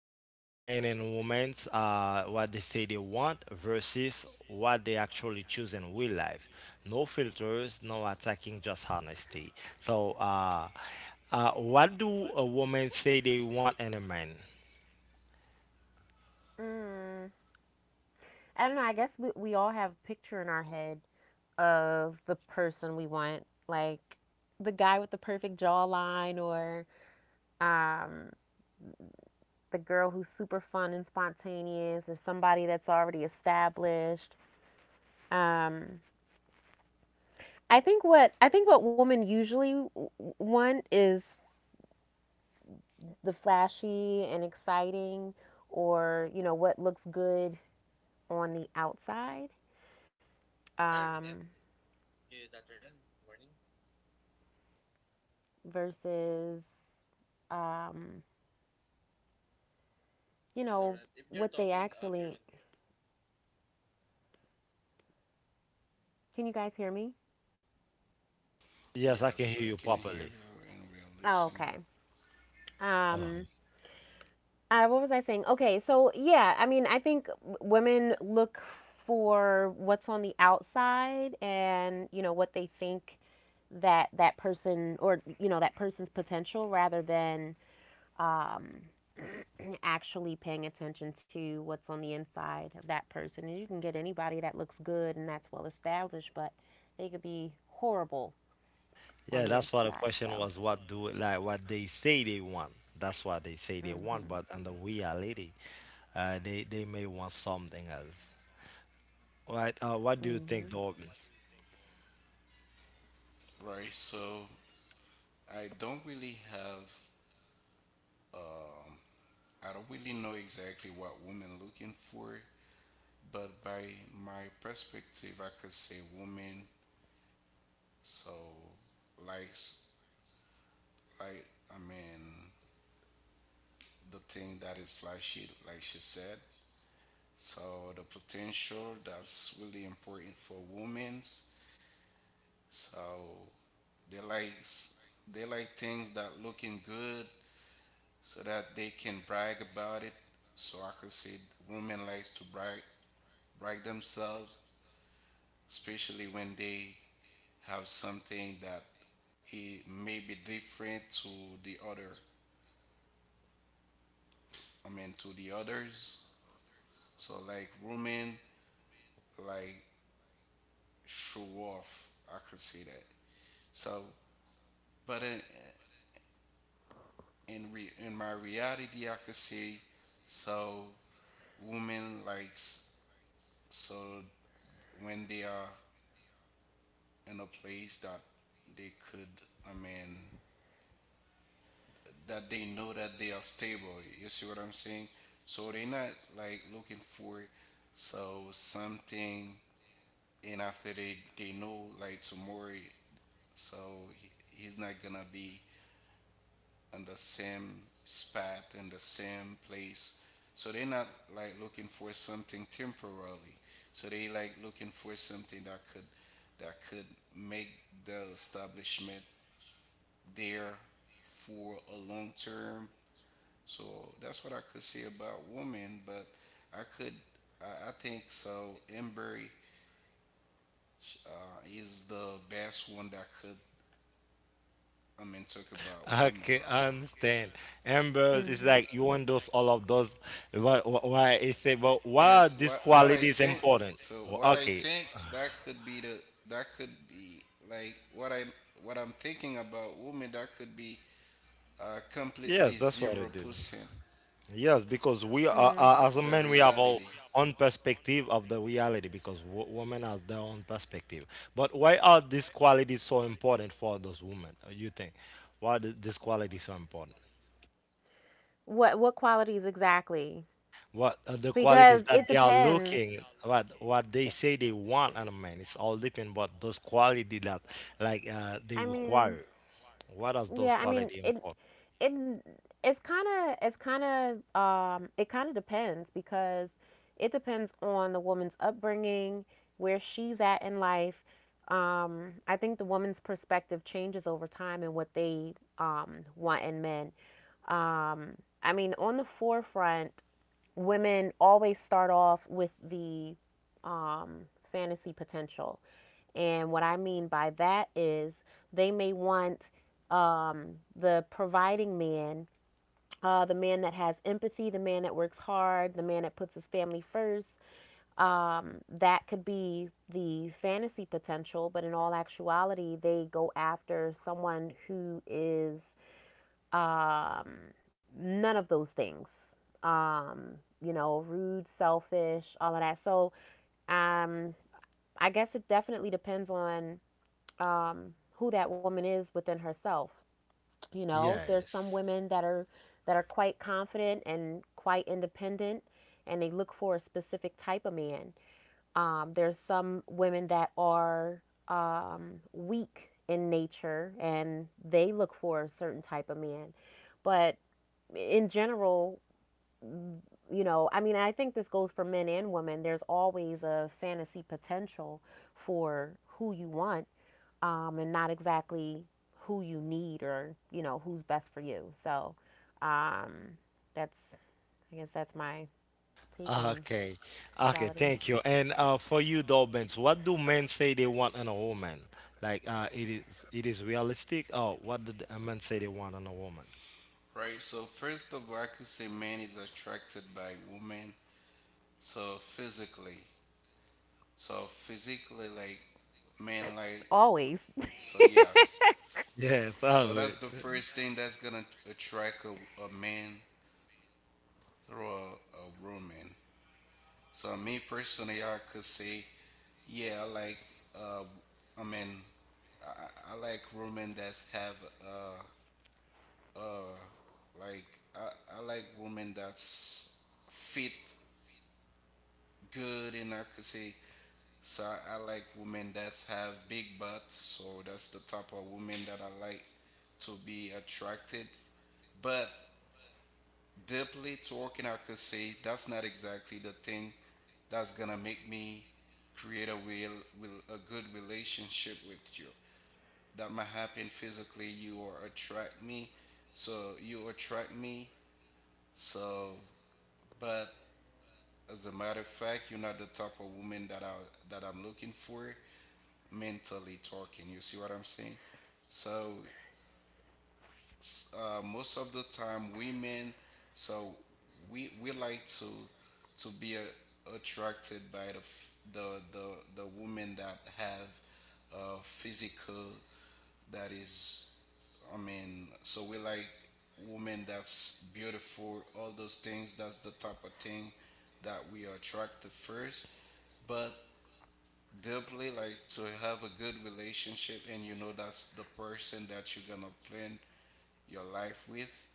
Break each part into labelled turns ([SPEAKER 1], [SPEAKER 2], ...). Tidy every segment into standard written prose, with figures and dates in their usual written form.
[SPEAKER 1] talking about men and women, what they say they want versus what they actually choose in real life. No filters, no attacking, just honesty. So, what do a woman say they want in a man?
[SPEAKER 2] Mm, I don't know. I guess we all have a picture in our head of the person we want, like the guy with the perfect jawline, or um, the girl who's super fun and spontaneous, or somebody that's already established. Um, I think what women usually want is the flashy and exciting, or what looks good on the outside. Um, versus, um, you know, what they actually. Can you guys hear me?
[SPEAKER 1] Yes, I can hear
[SPEAKER 3] Yes,
[SPEAKER 1] you
[SPEAKER 3] I can hear
[SPEAKER 1] properly.
[SPEAKER 3] you and we are
[SPEAKER 2] Oh,
[SPEAKER 3] listening.
[SPEAKER 2] okay.
[SPEAKER 1] Oh.
[SPEAKER 2] Um, what was I saying? Okay, so yeah, I mean, I think women look for what's on the outside and what they think that that person or that person's potential rather than um, actually paying attention to what's on the inside of that person. And you can get anybody that looks good and that's well established, but they could be horrible
[SPEAKER 1] Yeah,
[SPEAKER 2] on the
[SPEAKER 1] that's why the
[SPEAKER 2] inside. So,
[SPEAKER 1] question was what do like what they say they want. That's what they say they
[SPEAKER 2] mm-hmm,
[SPEAKER 1] want, but in the reality, they may want something else. Right? What
[SPEAKER 2] in
[SPEAKER 1] do you
[SPEAKER 2] the mm-hmm,
[SPEAKER 1] think, Dobbins?
[SPEAKER 3] Right, so I don't really have, um, I don't really know exactly what women looking for, but by my perspective, I could say women. So, like, s- like, I mean, the thing that is flashy, like she said. So the potential that's really important for women's. So they like they like things that looking good so that they can brag about it. So I could say women likes to brag themselves, especially when they have something that it may be different to the other. I mean to the others. So like women like show off. I could say that. So but in my reality, I could say so women likes so when they are in a place that they could, I mean, that they know that they are stable. You see what I'm saying? So they're not like looking for so something, and after they know like tomorrow, so he's not gonna be in the same spot in the same place. So they're not like looking for something temporarily. So they like looking for something that could make the establishment there for a long term. So that's what I could say about women, but I could, I think so. Embry is the best one that could, talk about women
[SPEAKER 1] Okay, I understand. Ambrose is
[SPEAKER 2] mm-hmm.
[SPEAKER 1] like you want those all of those. Why? Why it say? But why
[SPEAKER 3] because
[SPEAKER 1] are these
[SPEAKER 3] what I
[SPEAKER 1] qualities
[SPEAKER 3] think,
[SPEAKER 1] important?
[SPEAKER 3] so
[SPEAKER 1] Well,
[SPEAKER 3] what I
[SPEAKER 1] okay.
[SPEAKER 3] think that could be that could be like what I'm thinking about women that could be completely
[SPEAKER 1] Yes, that's what
[SPEAKER 3] zero
[SPEAKER 1] it did.
[SPEAKER 3] percent
[SPEAKER 1] Yes, because we are
[SPEAKER 2] Mm.
[SPEAKER 1] as a
[SPEAKER 3] the
[SPEAKER 1] man, we have our
[SPEAKER 3] reality.
[SPEAKER 1] own perspective of the reality because women has their own perspective. But why are these qualities so important for those women? You think? Why are these qualities so important?
[SPEAKER 2] What qualities exactly?
[SPEAKER 1] What are the qualities
[SPEAKER 2] Because it is
[SPEAKER 1] that
[SPEAKER 2] that
[SPEAKER 1] they are
[SPEAKER 2] depends.
[SPEAKER 1] looking, what they say they want on a man, it's all depend what those quality that like they
[SPEAKER 2] I mean,
[SPEAKER 1] require, what does those
[SPEAKER 2] yeah, I mean
[SPEAKER 1] quality
[SPEAKER 2] it
[SPEAKER 1] import?
[SPEAKER 2] it it's kind of it kind of depends, because it depends on the woman's upbringing, where she's at in life. I think the woman's perspective changes over time and what they want in men. Um I mean, on the forefront, women always start off with the um, fantasy potential. And what I mean by that is they may want the providing man, the man that has empathy, the man that works hard, the man that puts his family first. That could be the fantasy potential, but in all actuality, they go after someone who is um, none of those things. Um, rude, selfish, all of that. So um, I guess it definitely depends on who that woman is within herself. You know, there's some
[SPEAKER 1] Yes.
[SPEAKER 2] women that are quite confident and quite independent, and they look for a specific type of man. There's some women that are weak in nature, and they look for a certain type of man. But in general, you know, I mean, I think this goes for men and women. There's always a fantasy potential for who you want, and not exactly who you need or, you know, who's best for you. So um, that's, I guess that's my take on
[SPEAKER 1] Okay, okay,
[SPEAKER 2] equalities.
[SPEAKER 1] thank you. And for you though, Benz, what do men say they want on a woman, like it is, it is realistic? Oh, what do the men say they want on a woman?
[SPEAKER 3] Right, so first of all, I could say man is attracted by woman. So physically, so physically, like man, like
[SPEAKER 2] Always.
[SPEAKER 3] so yes.
[SPEAKER 1] Yes.
[SPEAKER 3] So
[SPEAKER 1] Oh, wait.
[SPEAKER 3] that's the first thing that's gonna attract a man through a woman. So me personally, I could say yeah, I like uh, I mean, I like women that have like I, I like women that's fit good and I could say so I like women that have big butts. So that's the type of woman that I like to be attracted. But deeply talking, I could say that's not exactly the thing that's gonna make me create a real, real a good relationship with you. That might happen physically. You or attract me, so you attract me. So, but as a matter of fact, you're not the type of woman that I'm looking for, mentally talking. You see what I'm saying? So most of the time, women, so we like to be attracted by the f- the women that have a physical that is. I mean, so we like women that's beautiful. All those things. That's the type of thing that we are attracted first. But deeply like to have a good relationship and you know that's the person that you're gonna plan your life with.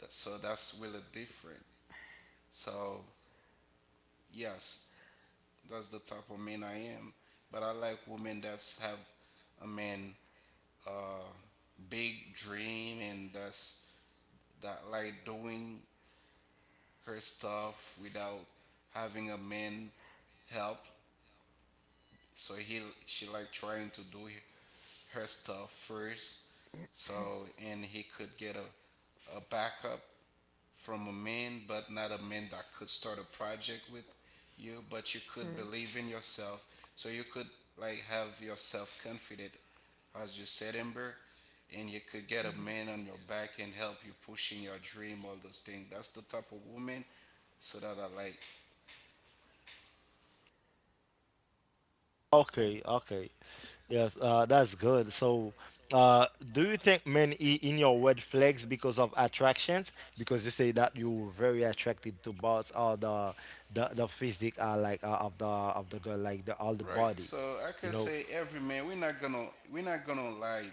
[SPEAKER 3] So that's really different. So yes, that's the type of man I am, but I like women that's have a man uh big dream and that like doing her stuff without having a man help, so he she like trying to do her stuff first, so and he could get a backup from a man but not a man that could start a project with you, but you
[SPEAKER 2] they
[SPEAKER 3] could believe in yourself so you could like have yourself confident as you said, Ember, and you could get a man on your back and help you pushing your dream, all those things, that's the type of woman so that I like.
[SPEAKER 1] Okay, okay. Yes, that's good. So, uh, do you think men in your red flags because of attractions? Because you say that you were very attracted to bots, or the the physique, of the girl, like the all the
[SPEAKER 3] Right,
[SPEAKER 1] body,
[SPEAKER 3] so I
[SPEAKER 1] you
[SPEAKER 3] could
[SPEAKER 1] know.
[SPEAKER 3] say every man, we're not gonna lie.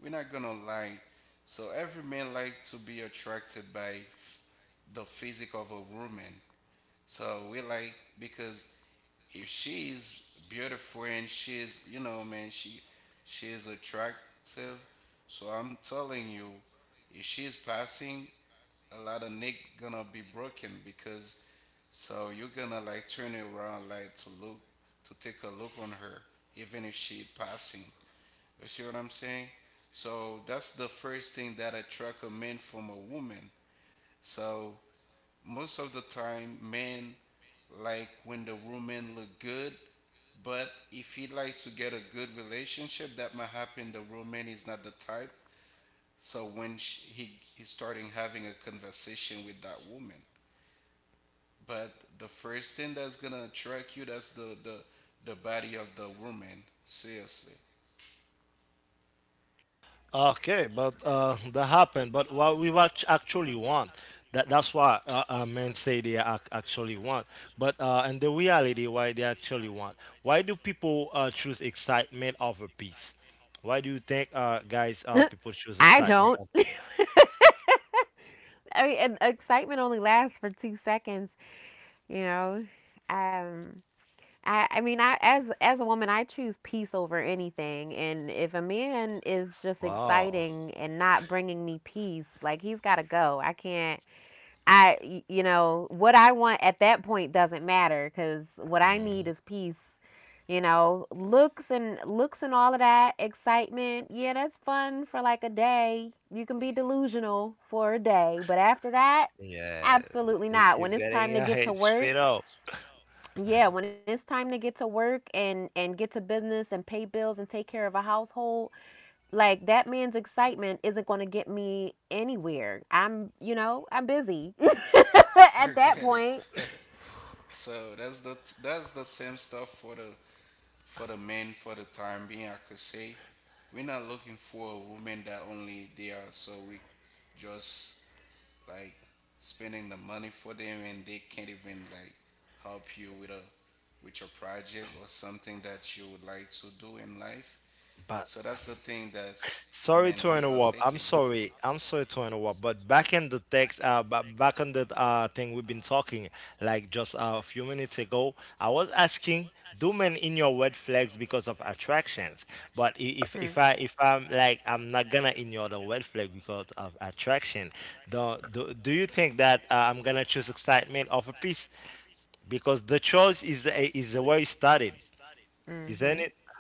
[SPEAKER 3] We're not gonna lie. So every man like to be attracted by the physique of a woman. So we like because if she's beautiful and she's, you know, man, she is attractive. So I'm telling you, if she's passing, a lot of neck gonna be broken because so you're gonna like turn around like to look to take a look on her even if she passing. You see what I'm saying? So that's the first thing that attract a man from a woman. So most of the time, men like when the woman look good, but if he like to get a good relationship, that might happen. The woman is not the type. So he is starting having a conversation with that woman, but the first thing that's gonna attract you, that's the the body of the woman. Seriously,
[SPEAKER 1] Okay, but that happened. But what we watch actually want, that that's what men say they actually want. But and the reality why they actually want. Why do people choose excitement over peace? Why do you think guys, people choose
[SPEAKER 2] I
[SPEAKER 1] excitement
[SPEAKER 2] don't.
[SPEAKER 1] over peace?
[SPEAKER 2] I mean, and excitement only lasts for 2 seconds. You know, um, I, as a woman, I choose peace over anything. And if a man is just
[SPEAKER 1] Wow.
[SPEAKER 2] exciting and not bringing me peace, like, he's got to go. I can't. I what I want at that point doesn't matter, because what I need
[SPEAKER 1] Mhm.
[SPEAKER 2] is peace. You know, looks and all of that excitement, yeah, that's fun for like a day. You can be delusional for a day, but after that,
[SPEAKER 1] Yeah,
[SPEAKER 2] absolutely not.
[SPEAKER 1] you're
[SPEAKER 2] When it's
[SPEAKER 1] getting
[SPEAKER 2] time to
[SPEAKER 1] your
[SPEAKER 2] get to
[SPEAKER 1] head straight
[SPEAKER 2] work,
[SPEAKER 1] up.
[SPEAKER 2] yeah, when it's time to get to work and get to business and pay bills and take care of a household, like, that man's excitement isn't going to get me anywhere. I'm busy
[SPEAKER 3] I
[SPEAKER 2] at
[SPEAKER 3] get
[SPEAKER 2] that
[SPEAKER 3] it.
[SPEAKER 2] point.
[SPEAKER 3] So that's the same stuff for the men for the time being. I could say we're not looking for a woman that only they are so we just like spending the money for them and they can't even like help you with a with your project or something that you would like to do in life.
[SPEAKER 1] But
[SPEAKER 3] So that's the thing that's, I
[SPEAKER 1] sorry
[SPEAKER 3] mean,
[SPEAKER 1] to
[SPEAKER 3] we are
[SPEAKER 1] interrupt. I'm
[SPEAKER 3] thinking.
[SPEAKER 1] sorry. I'm sorry to interrupt. But back in the text, back on the thing we've been talking, like just a few minutes ago, I was asking, do men in your red flags because of attractions? But if
[SPEAKER 2] Hmm.
[SPEAKER 1] I, if I'm like, I'm not gonna ignore the red flag because of attraction, do you think that I'm gonna choose excitement over peace? Because the choice is the, is where it started, isn't it?
[SPEAKER 2] Mhm.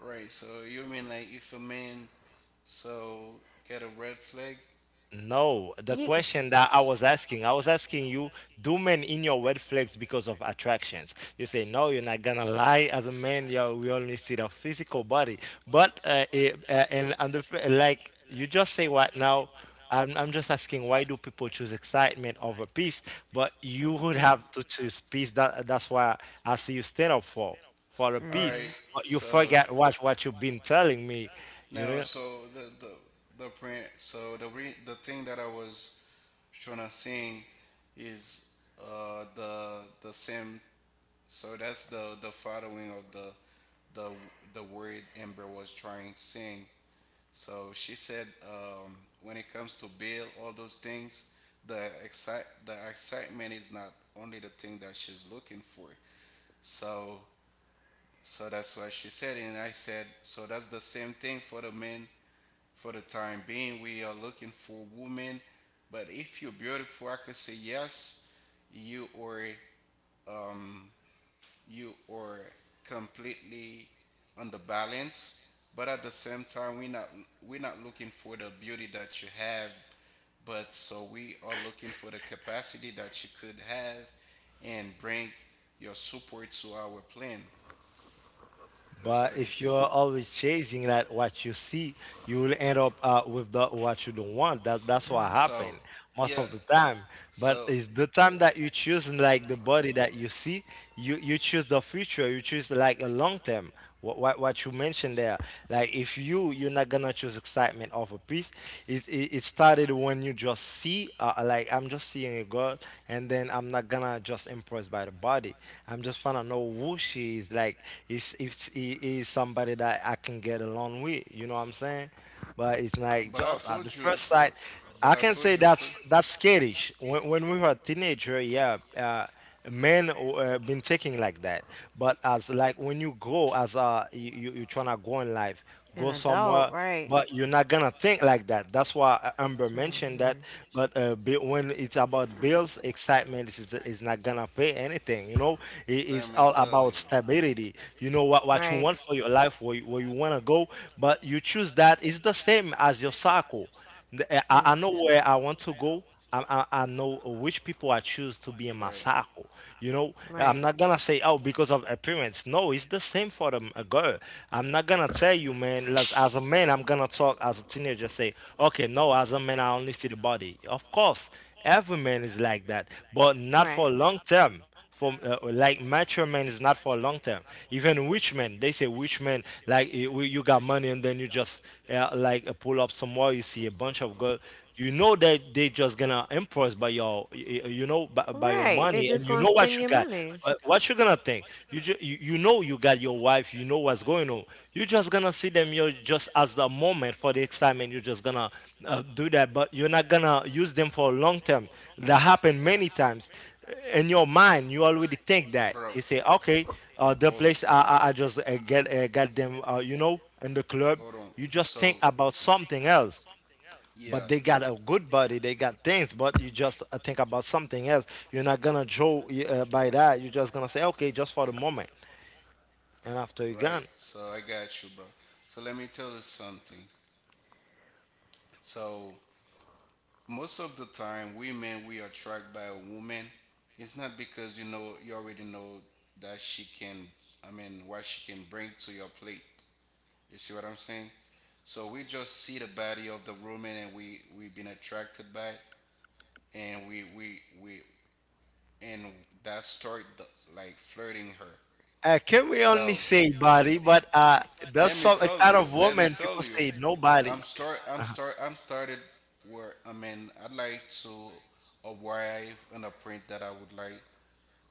[SPEAKER 3] Right. So you mean like if a man so get a red flag.
[SPEAKER 1] No, the
[SPEAKER 2] No. You.
[SPEAKER 1] question that I was asking you, do men in your red flags because of attractions? You say, no, you're not gonna lie. As a man, yeah, we only see the physical body. But it, and the, like you just say what now? I'm just asking, why do people choose excitement over peace? But you would
[SPEAKER 2] Oh.
[SPEAKER 1] have to choose peace. That that's why I see you stand up for the
[SPEAKER 3] All
[SPEAKER 1] peace.
[SPEAKER 3] right.
[SPEAKER 2] Mhm.
[SPEAKER 1] But you
[SPEAKER 3] So
[SPEAKER 1] forget what you've been telling me, you
[SPEAKER 3] no.
[SPEAKER 1] know.
[SPEAKER 3] So the print. So the thing that I was trying to sing is the same. So that's the following of the the word Amber was trying to sing. So she said, when it comes to bail, all those things, the excitement is not only the thing that she's looking for. So so that's what she said. And I said, so that's the same thing for the men for the time being. We are looking for women. But if you're beautiful, I could say yes, you are um, you are completely on the balance. But at the same time, we're not looking for the beauty that you have, but so we are looking for the capacity that you could have and bring your support to our plan. That's what
[SPEAKER 1] But
[SPEAKER 3] it
[SPEAKER 1] if
[SPEAKER 3] is.
[SPEAKER 1] you're always chasing that what you see, you will end up with the, what you don't want. That that's what
[SPEAKER 3] So
[SPEAKER 2] Mm
[SPEAKER 1] happened
[SPEAKER 2] hmm.
[SPEAKER 1] most
[SPEAKER 3] yeah.
[SPEAKER 1] of the time. But
[SPEAKER 3] So
[SPEAKER 1] it's the time that you choose and like the body that you see, you choose the future, you choose like a long term. What you mentioned there, like if you you're not gonna choose excitement over peace, it started when you just see, like I'm just seeing a girl, and then I'm not gonna just impressed by the body. I'm just trying to know who she is. Like is if I- is somebody that I can get along with, you know what I'm saying? But it's like
[SPEAKER 3] but I
[SPEAKER 1] just at the
[SPEAKER 3] told you the
[SPEAKER 1] first sight.
[SPEAKER 3] first. But
[SPEAKER 1] I
[SPEAKER 3] I
[SPEAKER 1] can
[SPEAKER 3] told
[SPEAKER 1] say
[SPEAKER 3] you first.
[SPEAKER 1] that's scarish. When we were a teenager, yeah, men been taking like that. But as like when you grow, as you tryna go in life, go
[SPEAKER 2] Want
[SPEAKER 1] somewhere,
[SPEAKER 2] adult, like.
[SPEAKER 1] but you're not gonna think like that. That's why Amber mentioned that.
[SPEAKER 2] Mhm.
[SPEAKER 1] But
[SPEAKER 2] You.
[SPEAKER 1] when it's about bills, excitement is not gonna pay anything. You know, it,
[SPEAKER 3] Let
[SPEAKER 1] it's
[SPEAKER 3] me
[SPEAKER 1] all
[SPEAKER 3] tell you.
[SPEAKER 1] about stability. You know what you want for your life, where you wanna go, but you choose that. It's the same as your circle, I know
[SPEAKER 2] Mm.
[SPEAKER 1] where I want to go. I, I know which people I choose to be in my
[SPEAKER 3] Right.
[SPEAKER 1] circle. You know, I'm not gonna say, oh, because of appearance. No, it's the same for them, a girl. I'm not gonna tell you, man. As a man, I'm gonna talk as a teenager, say, okay, no, as a man, I only see the body. Of course, every man is like that, but not
[SPEAKER 2] But.
[SPEAKER 1] for
[SPEAKER 2] Right.
[SPEAKER 1] long term, for like mature men is not for long term. Even rich men, they say rich men like you got money and then you just pull up somewhere, you see a bunch of girl. You know that they just gonna impress by your you know by your money and you know what you got. But what you gonna think? You you know you got your wife. You know what's going on. You just gonna see them. You just as the moment for the excitement. You're just gonna do that, but you're not gonna use them for long term. That happened many times. In your mind, you already think that you say, okay, the
[SPEAKER 3] let
[SPEAKER 1] place I just get got them. You know, in the club,
[SPEAKER 3] Hold on.
[SPEAKER 1] you just think
[SPEAKER 3] So,
[SPEAKER 1] about something else,
[SPEAKER 3] yeah,
[SPEAKER 1] but they got a good body, they got things, but you just think about something else. You're not gonna draw by that. You're just gonna say okay, just for the moment, and after you're
[SPEAKER 3] right.
[SPEAKER 1] gone.
[SPEAKER 3] So I got you, bro. So let me tell you something. So most of the time, women, we attract by a woman. It's not because, you know, you already know that she can, I mean, what she can bring to your plate. You see what I'm saying? So we just see the body of the woman and we've been attracted by it, and we and that start the, like, flirting her.
[SPEAKER 1] Uh, can we only
[SPEAKER 3] So
[SPEAKER 1] say body? But there's
[SPEAKER 3] let me
[SPEAKER 1] some a
[SPEAKER 3] tell
[SPEAKER 1] kind
[SPEAKER 3] you,
[SPEAKER 1] of woman people say nobody.
[SPEAKER 3] I'm started where I mean, I'd like to arrive on a print that I would like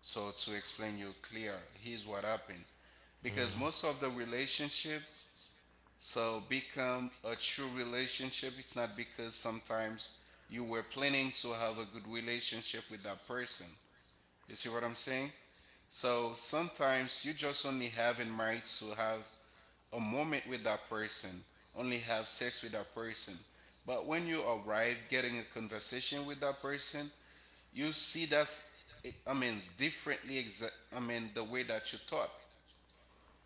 [SPEAKER 3] so to explain you clear. Here's what happened because
[SPEAKER 1] Mm,
[SPEAKER 3] most of the relationship so become a true relationship. It's not because sometimes you were planning to have a good relationship with that person. You see what I'm saying? So sometimes you just only have in mind to have a moment with that person, only have sex with that person. But when you arrive getting a conversation with that person, you see that's, I mean, I mean the way that you thought.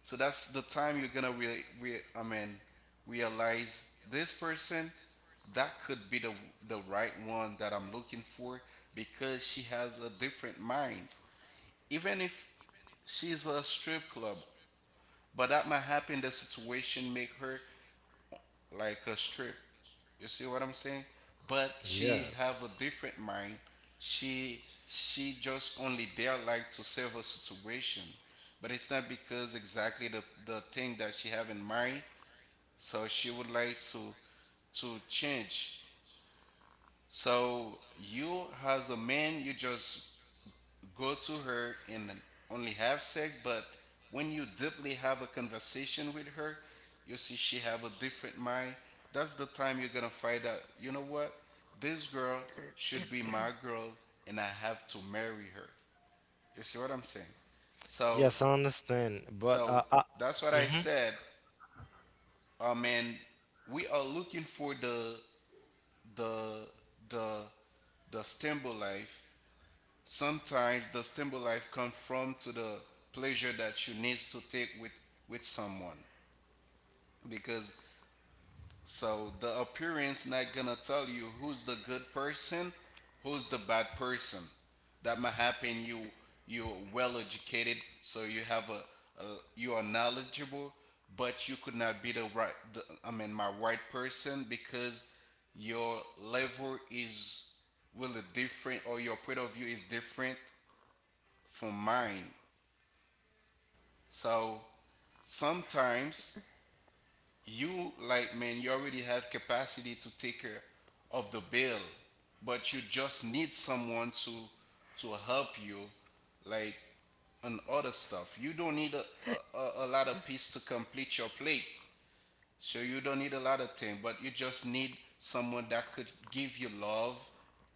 [SPEAKER 3] So that's the time you're gonna really I mean realize this person that could be the right one that I'm looking for because she has a different mind. Even if she's a strip club, but that might happen the situation make her like a strip. You see what I'm saying? But she
[SPEAKER 1] yeah.
[SPEAKER 3] have a different mind. She just only there like to save a situation. But it's not because exactly the thing that she have in mind. So she would like to change. So you as a man, you just go to her and only have sex, but when you deeply have a conversation with her, you see she have a different mind. That's the time you're gonna find out, you know what, this girl should be my girl, and I have to marry her. You see what I'm saying? So
[SPEAKER 1] Yes, I understand, but
[SPEAKER 3] so that's what I
[SPEAKER 1] mhm.
[SPEAKER 3] said. And we are looking for the the the stable life. Sometimes the stable life conforms to the pleasure that you need to take with someone because so the appearance not gonna tell you who's the good person, who's the bad person. That might happen. You you're well educated, so you have a you are knowledgeable, but you could not be the right. I mean, my right person because your level is really different or your point of view is different for mine. So sometimes you like man, you already have capacity to take care of the bill, but you just need someone to help you like on other stuff. You don't need a- lot of piece to complete your plate. So you don't need a lot of things, but you just need someone that could give you love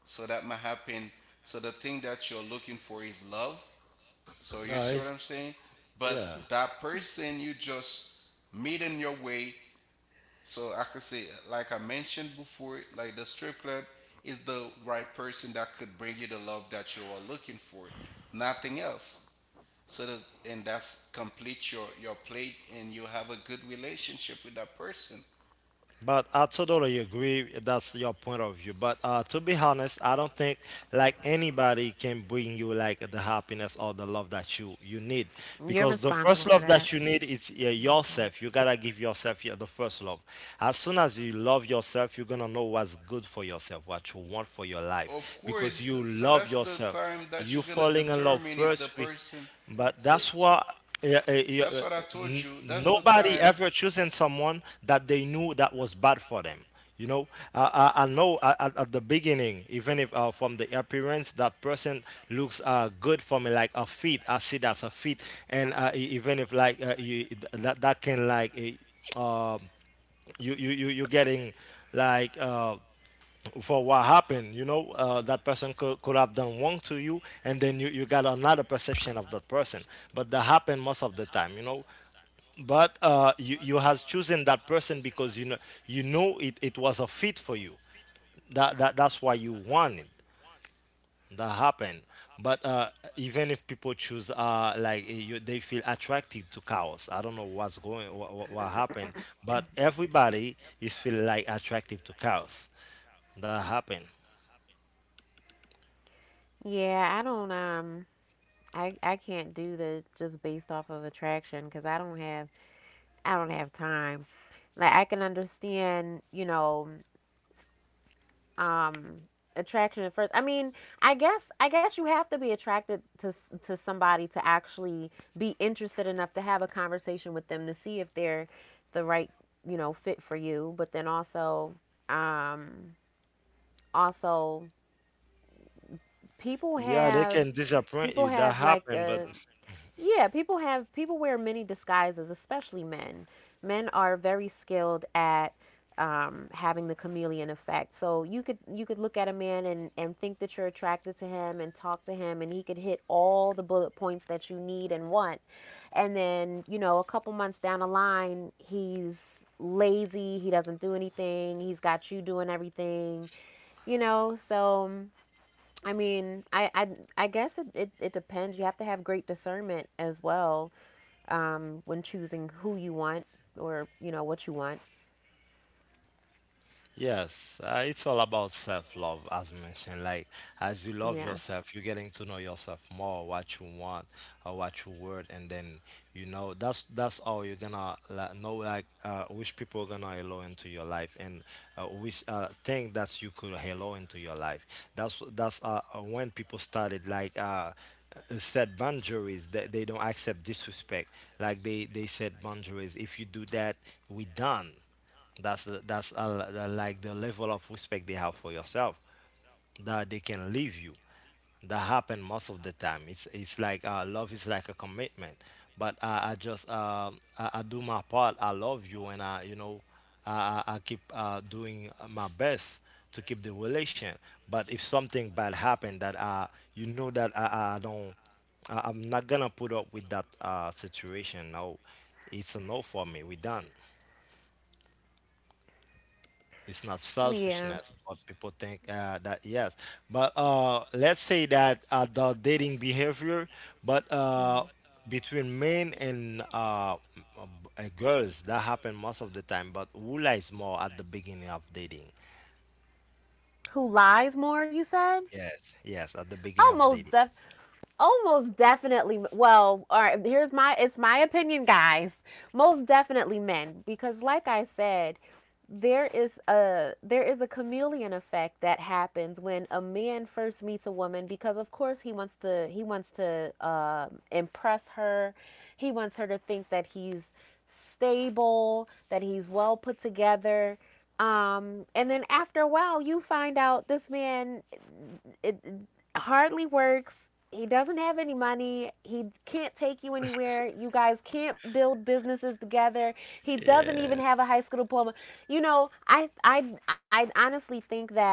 [SPEAKER 3] so that might happen. So the thing that you're looking for is love. So you
[SPEAKER 1] No,
[SPEAKER 3] see what
[SPEAKER 1] it's
[SPEAKER 3] I'm saying? But
[SPEAKER 1] yeah.
[SPEAKER 3] that person you just meet in your way. So I could say, like I mentioned before, like the strip club is the right person that could bring you the love that you are looking for. Nothing else. So that and that's complete your plate and you have a good relationship with that person.
[SPEAKER 1] But I totally agree. That's your point of view. But to be honest, I don't think like anybody can bring you like the happiness or the love that you need, because the
[SPEAKER 2] You're.
[SPEAKER 1] first
[SPEAKER 2] Because
[SPEAKER 1] love
[SPEAKER 2] the.
[SPEAKER 1] that you need is yourself. You gotta give yourself, yeah, the first love. As soon as you love yourself, you're gonna know what's good for yourself, what you want for your life,
[SPEAKER 3] Of
[SPEAKER 1] because
[SPEAKER 3] course,
[SPEAKER 1] you
[SPEAKER 3] so
[SPEAKER 1] love
[SPEAKER 3] that's the
[SPEAKER 1] yourself.
[SPEAKER 3] time that
[SPEAKER 1] You
[SPEAKER 3] you're gonna
[SPEAKER 1] falling in love
[SPEAKER 3] determine if the
[SPEAKER 1] first with,
[SPEAKER 3] person
[SPEAKER 1] but
[SPEAKER 3] so
[SPEAKER 1] that's why. Yeah, eh, yeah,
[SPEAKER 3] that's
[SPEAKER 1] eh,
[SPEAKER 3] what I told you. That's the
[SPEAKER 1] nobody
[SPEAKER 3] time.
[SPEAKER 1] ever choosing someone that they knew that was bad for them. You know, I know at the beginning, even if from the appearance that person looks good for me, like a fit, I see that's a fit, and even if like you, that that can like uh, you're getting like for what happened, you know, that person could have done wrong to you, and then you got another perception of that person. But that happened most of the time, you know. But you, you has chosen that person because you know, you know it, it was a fit for you. That, that that's why you wanted. That happened. But even if people choose you, they feel attracted to cows. I don't know what's going, what happened, but everybody is feel like attractive to cows. That happened.
[SPEAKER 2] Yeah, I don't I can't do the just based off of attraction, cuz I don't have time. Like, I can understand, you know, um attraction at first. I mean, I guess you have to be attracted to somebody to actually be interested enough to have a conversation with them to see if they're the right, you know, fit for you, but then also, um also people
[SPEAKER 1] Yeah, they can
[SPEAKER 2] have.
[SPEAKER 1] disappoint you.
[SPEAKER 2] People
[SPEAKER 1] That
[SPEAKER 2] have like
[SPEAKER 1] happened, but
[SPEAKER 2] a. Yeah, people wear many disguises, especially men. Men are very skilled at having the chameleon effect. So you could, look at a man and think that you're attracted to him and talk to him, and he could hit all the bullet points that you need and want. And then, a couple months down the line, he's lazy, he doesn't do anything, he's got you doing everything, so I mean, I guess it depends. You have to have great discernment as well, when choosing who you want, or what you want.
[SPEAKER 1] yes, it's all about self-love, as mentioned. Like, as you love
[SPEAKER 2] Yeah,
[SPEAKER 1] yourself, you're getting to know yourself more, what you want or what you want, and then you know that's how you're gonna know like which people are gonna allow into your life, and which thing that you could allow into your life. That's when people started like set boundaries that they don't accept disrespect. Like they set boundaries. If you do that, we done. That's that's like the level of respect they have for yourself, that they can leave you. That happen most of the time. It's like love is like a commitment. But I just I do my part. I love you, and I you know I keep doing my best to keep the relation. But if something bad happened, that you know that I don't, I'm not gonna put up with that situation. No, it's a no for me. We done. It's not
[SPEAKER 2] yeah.
[SPEAKER 1] selfishness, but people think that yes. But let's say that the dating behavior, but
[SPEAKER 2] Mhm.
[SPEAKER 1] between men and girls, that happen most of the time. But Wula is more at the beginning of dating.
[SPEAKER 2] Who lies more? You said,
[SPEAKER 1] Yes, yes, at the beginning of
[SPEAKER 2] almost
[SPEAKER 1] dating.
[SPEAKER 2] def almost definitely. Well, all right, here's my it's my opinion, guys. Most definitely men, because like I said, there is a chameleon effect that happens when a man first meets a woman. Because, of course, he wants to impress her. He wants her to think that he's stable, that he's well put together, and then after a while you find out this man, it hardly works. He doesn't have any money. He can't take you anywhere. You guys can't build businesses together. He doesn't even
[SPEAKER 1] Yeah.
[SPEAKER 2] have a high school diploma. You know, I honestly think that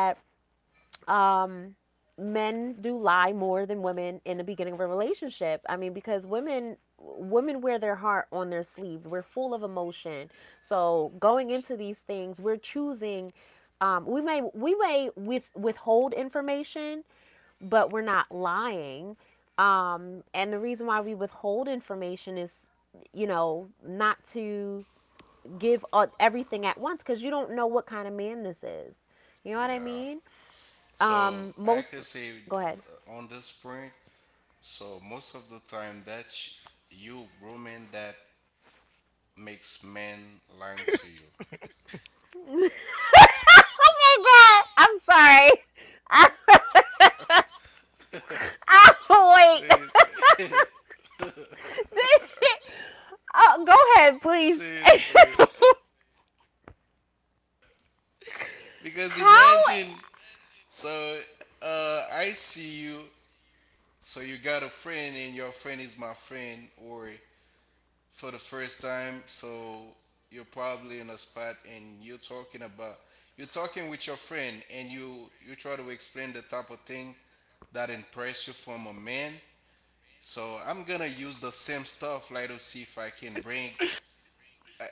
[SPEAKER 2] um men do lie more than women in the beginning of a relationship. I mean, because women, wear their heart on their sleeve. We're full of emotion. So going into these things, we're choosing, we may, with withhold information, but we're not lying. And the reason why we withhold information is, you know, not to give, everything at once, because you don't know what kind of man this is. You know what I
[SPEAKER 3] Yeah.
[SPEAKER 2] mean?
[SPEAKER 3] So I can
[SPEAKER 2] Most
[SPEAKER 3] say
[SPEAKER 2] Go ahead.
[SPEAKER 3] on this point, so most of the time that you woman that makes men lying to you.
[SPEAKER 2] Oh my god! I'm sorry. I, I wait.
[SPEAKER 3] Seriously,
[SPEAKER 2] Oh, go ahead, please.
[SPEAKER 3] seriously, because
[SPEAKER 2] How?
[SPEAKER 3] imagine. So I see you. So you got a friend, and your friend is my friend, or for the first time. So you're probably in a spot and you're talking about you're talking with your friend and you try to explain the type of thing that impress you from a man. So I'm gonna use the same stuff like to see if I can bring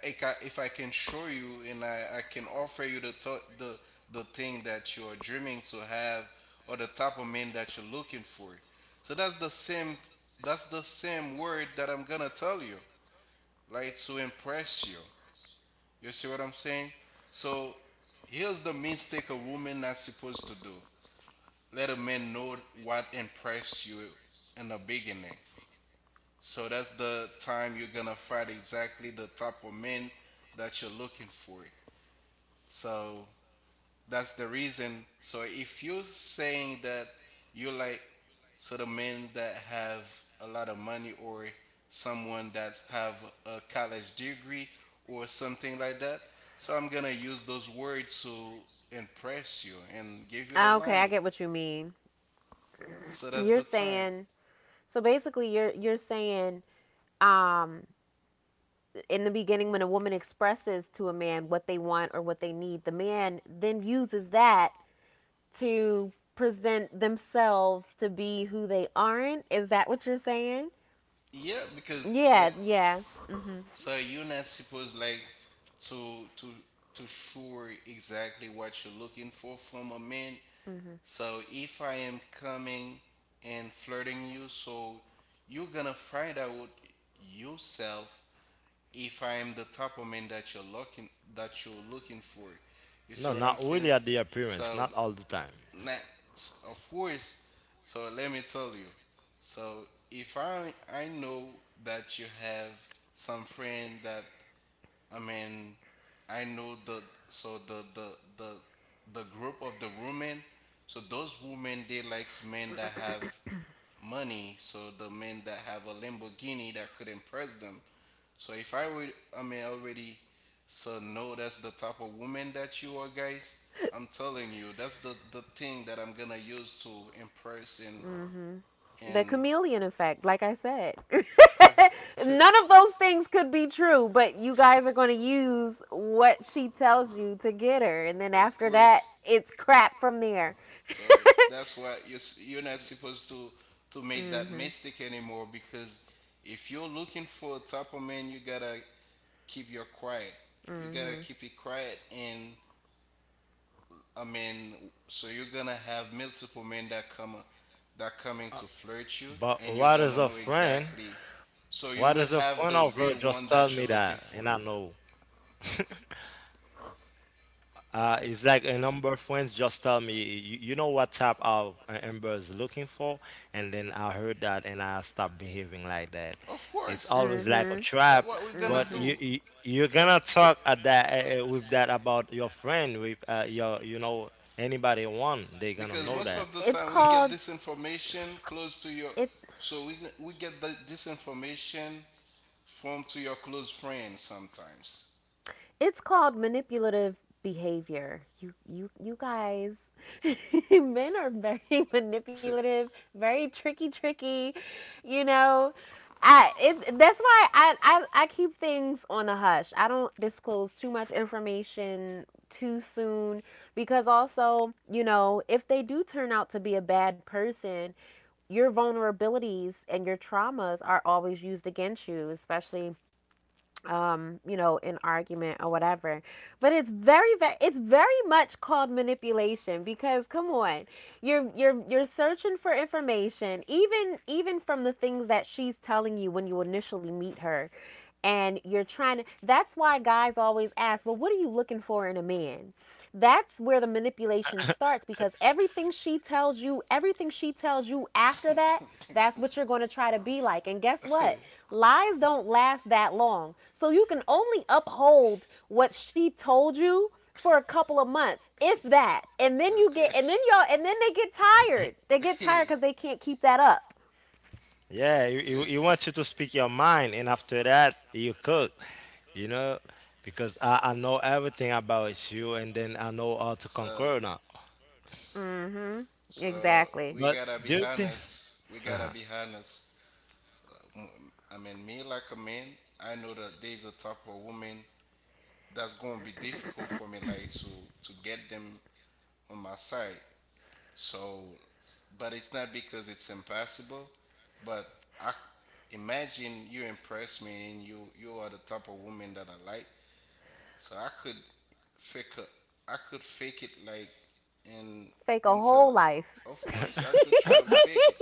[SPEAKER 3] if I can show you and I can offer you the the thing that you're dreaming to have or the type of man that you're looking for. So that's the same word that I'm gonna tell you like to impress you. You see what I'm saying? So here's the mistake a woman not supposed to do. Let a man know what impressed you in the beginning. So that's the time you're gonna find exactly the type of men that you're looking for. So that's the reason. So if you're saying that you like sort of men that have a lot of money or someone that's have a college degree or something like that, so I'm gonna use those words to impress you and give you the
[SPEAKER 2] Okay, I
[SPEAKER 3] line.
[SPEAKER 2] get what you mean.
[SPEAKER 3] So
[SPEAKER 2] You're
[SPEAKER 3] that's the time.
[SPEAKER 2] saying, so basically you're saying, um in the beginning, when a woman expresses to a man what they want or what they need, the man then uses that to present themselves to be who they aren't. Is that what you're saying?
[SPEAKER 3] Yeah, because
[SPEAKER 2] Yeah,
[SPEAKER 3] let
[SPEAKER 2] yeah. Mm.
[SPEAKER 3] so you're not supposed like to to sure exactly what you're looking for from a man.
[SPEAKER 2] Mhm. Mhm.
[SPEAKER 3] So if I am coming and flirting you, so you're gonna find out yourself if I am the type of man that you're looking for. You
[SPEAKER 1] No,
[SPEAKER 3] see what I'm
[SPEAKER 1] not really
[SPEAKER 3] saying?
[SPEAKER 1] at the appearance,
[SPEAKER 3] So
[SPEAKER 1] not all the time.
[SPEAKER 3] not, of course. So let me tell you. So if I know that you have some friend that I mean, I know the so the the the group of the women. So those women they likes men that have money. So the men that have a Lamborghini that could impress them. So if I would, I mean, already, so no, that's the type of woman that you are, guys. I'm telling you, that's the thing that I'm gonna use to impress
[SPEAKER 2] Mhm. The
[SPEAKER 3] and
[SPEAKER 2] chameleon effect, like I said.
[SPEAKER 3] and
[SPEAKER 2] None of those things could be true, but you guys are going to use what she tells you to get her, and then
[SPEAKER 3] of
[SPEAKER 2] after that
[SPEAKER 3] course.
[SPEAKER 2] it's crap from there.
[SPEAKER 3] So that's why you you're not supposed to
[SPEAKER 2] Mm.
[SPEAKER 3] make that
[SPEAKER 2] Mhm.
[SPEAKER 3] mistake anymore because if you're looking for a type of man, you gotta keep your quiet.
[SPEAKER 2] Mm.
[SPEAKER 3] You gotta
[SPEAKER 2] Mhm.
[SPEAKER 3] keep it quiet, and I mean, so you're gonna have multiple men that come that coming to flirt you,
[SPEAKER 1] But
[SPEAKER 3] and you're
[SPEAKER 1] what is
[SPEAKER 3] gonna
[SPEAKER 1] a
[SPEAKER 3] know
[SPEAKER 1] friend?
[SPEAKER 3] exactly. So you
[SPEAKER 1] What
[SPEAKER 3] will
[SPEAKER 1] is a
[SPEAKER 3] have
[SPEAKER 1] friend
[SPEAKER 3] the
[SPEAKER 1] of
[SPEAKER 3] real
[SPEAKER 1] her?
[SPEAKER 3] one
[SPEAKER 1] Just tell
[SPEAKER 3] that
[SPEAKER 1] me
[SPEAKER 3] you're looking
[SPEAKER 1] that,
[SPEAKER 3] for.
[SPEAKER 1] and I know. It's like a number of friends, just tell me, you know what type of Amber is looking for, and then I heard that and I stopped behaving like that.
[SPEAKER 3] Of
[SPEAKER 1] It's
[SPEAKER 3] course.
[SPEAKER 1] always like a
[SPEAKER 3] That
[SPEAKER 1] trap,
[SPEAKER 3] what we're gonna
[SPEAKER 1] but you,
[SPEAKER 3] do.
[SPEAKER 1] you you're gonna talk at that with
[SPEAKER 3] So-
[SPEAKER 1] that about your friend with your anybody you want, they gonna
[SPEAKER 3] because
[SPEAKER 1] know
[SPEAKER 3] most
[SPEAKER 1] that.
[SPEAKER 3] of the time we get this information close to your
[SPEAKER 2] it
[SPEAKER 3] so we get this information from to your close friends sometimes.
[SPEAKER 2] It's called manipulative behavior. You guys men are very manipulative, very tricky tricky, you know. That's why I keep things on the hush. I don't disclose too much information too soon, because also, you know, if they do turn out to be a bad person, your vulnerabilities and your traumas are always used against you, especially an argument or whatever. But it's very much called manipulation. Because come on, you're searching for information, even, from the things that she's telling you when you initially meet her. And you're trying to that's why guys always ask, well, what are you looking for in a man? That's where the manipulation starts, because everything she tells you, after that, that's what you're going to try to be like. And guess what, lies don't last that long, so you can only uphold what she told you for a couple of months, if that.
[SPEAKER 3] Of course.
[SPEAKER 2] And then they get tired, they get
[SPEAKER 3] Of
[SPEAKER 2] tired, because they can't keep that up.
[SPEAKER 3] yeah, we
[SPEAKER 1] Yeah, you
[SPEAKER 3] course
[SPEAKER 1] want you
[SPEAKER 3] want
[SPEAKER 1] to
[SPEAKER 3] you to
[SPEAKER 1] speak
[SPEAKER 3] speak
[SPEAKER 1] your
[SPEAKER 3] your
[SPEAKER 1] mind,
[SPEAKER 3] mind,
[SPEAKER 1] and
[SPEAKER 3] and
[SPEAKER 1] after
[SPEAKER 3] after
[SPEAKER 1] that
[SPEAKER 3] that,
[SPEAKER 1] you cook, you know, because I, I
[SPEAKER 3] I
[SPEAKER 1] know
[SPEAKER 3] know
[SPEAKER 1] everything
[SPEAKER 3] everything about
[SPEAKER 1] about
[SPEAKER 3] you,
[SPEAKER 1] you, and
[SPEAKER 3] and
[SPEAKER 1] then
[SPEAKER 3] then I
[SPEAKER 1] I know
[SPEAKER 3] know all
[SPEAKER 1] how
[SPEAKER 3] your
[SPEAKER 1] to
[SPEAKER 3] so
[SPEAKER 1] conquer
[SPEAKER 3] burden.
[SPEAKER 1] now.
[SPEAKER 2] Mm-hmm.
[SPEAKER 3] So
[SPEAKER 2] Exactly.
[SPEAKER 3] we
[SPEAKER 1] But
[SPEAKER 3] gotta be
[SPEAKER 1] do you think?
[SPEAKER 3] honest. We gotta be honest. I mean, me like a man, I know that there's a type of woman that's going to be difficult for me like to get them on my side so but it's not because it's impossible but I imagine you impress me and you are the type of woman that I like. So I could fake a, I could fake it like and
[SPEAKER 2] Fake a
[SPEAKER 3] until
[SPEAKER 2] whole life.
[SPEAKER 3] of course I could try to
[SPEAKER 1] Uh-huh.
[SPEAKER 3] fake it.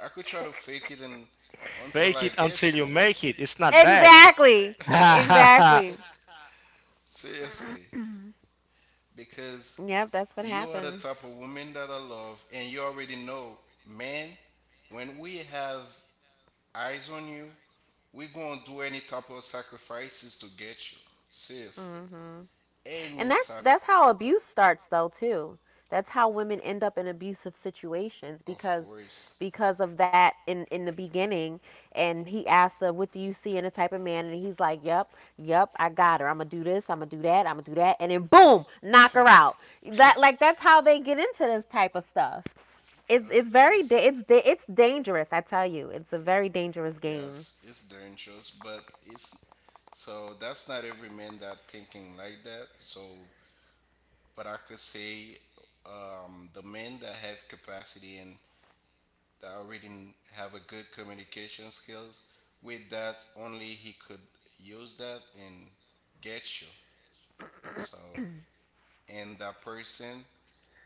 [SPEAKER 3] I could try to fake it and until
[SPEAKER 1] Fake
[SPEAKER 3] I
[SPEAKER 1] it until
[SPEAKER 3] get you.
[SPEAKER 1] you make it. It's not bad.
[SPEAKER 2] Exactly. Exactly.
[SPEAKER 3] Seriously, because
[SPEAKER 2] Yep, that's what
[SPEAKER 3] you are the
[SPEAKER 2] happens.
[SPEAKER 3] type of woman that I love, and you already know, man, when we have eyes on you, we're going to do any type of sacrifices to get you. Seriously.
[SPEAKER 2] Mm-hmm. And
[SPEAKER 3] Any
[SPEAKER 2] that's
[SPEAKER 3] type
[SPEAKER 2] that's how abuse starts though too. That's how women end up in abusive situations,
[SPEAKER 3] of
[SPEAKER 2] because,
[SPEAKER 3] course.
[SPEAKER 2] of that, in the beginning, and he asked her, what do you see in a type of man, and he's like, yep, yep, I got her, I'm gonna do this, I'm gonna do that, I'm gonna do that, and then boom, knock
[SPEAKER 3] Of
[SPEAKER 2] her out. That Like, that's how they get into this type of stuff. It's very
[SPEAKER 3] course.
[SPEAKER 2] it's dangerous. I tell you, it's a very dangerous game.
[SPEAKER 3] Yes, it's dangerous, but it's so that's not every man that thinking like that. So but I could say the men that have capacity and that already have a good communication skills. With that, only he could use that and get you. So, and that person,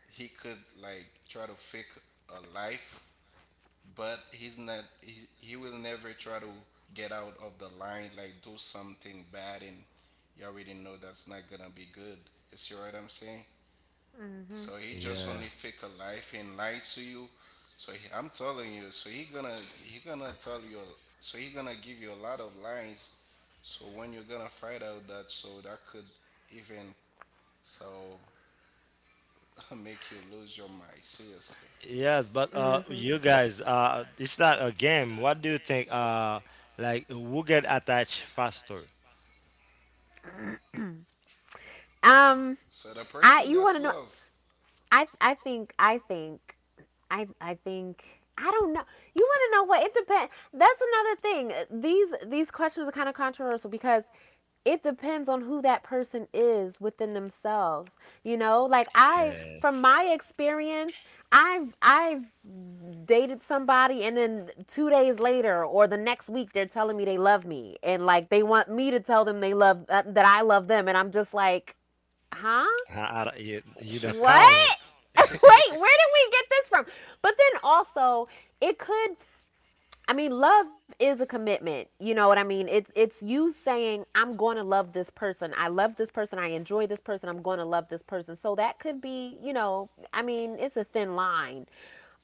[SPEAKER 3] he could like try to fake a life, but he's not. He will never try to get out of the line, like do something bad, and you already know that's not gonna be good. You see what I'm saying?
[SPEAKER 2] Mm-hmm.
[SPEAKER 3] So he just
[SPEAKER 1] Yeah.
[SPEAKER 3] only fake a life and lie to you. So he, I'm telling you, so he gonna tell you, so he gonna give you a lot of lies. So when you're gonna find out that, so that could even so make you lose your mind seriously.
[SPEAKER 1] Yes, but
[SPEAKER 2] Mm-hmm.
[SPEAKER 1] you guys, it's not a game. What do you think? Like who get attached faster?
[SPEAKER 2] Uh, Um,
[SPEAKER 3] So the
[SPEAKER 2] I
[SPEAKER 3] person
[SPEAKER 2] You want
[SPEAKER 3] that's
[SPEAKER 2] to know?
[SPEAKER 3] love.
[SPEAKER 2] I I think I think I I think I don't know. You want to know, what it depends. That's another thing. These questions are kind of controversial, because it depends on who that person is within themselves. You know, like, I from my experience, I've dated somebody, and then 2 days later, or the next week, they're telling me they love me, and like, they want me to tell them they love, that I love them. And I'm just like, "Huh?"
[SPEAKER 1] I don't- you don't count it.
[SPEAKER 2] What? Wait, where did we get this from? But then also, it could I mean, love is a commitment. You know what I mean? It's you saying, I'm going to love this person. I love this person. I enjoy this person. I'm going to love this person. So that could be, I mean, it's a thin line.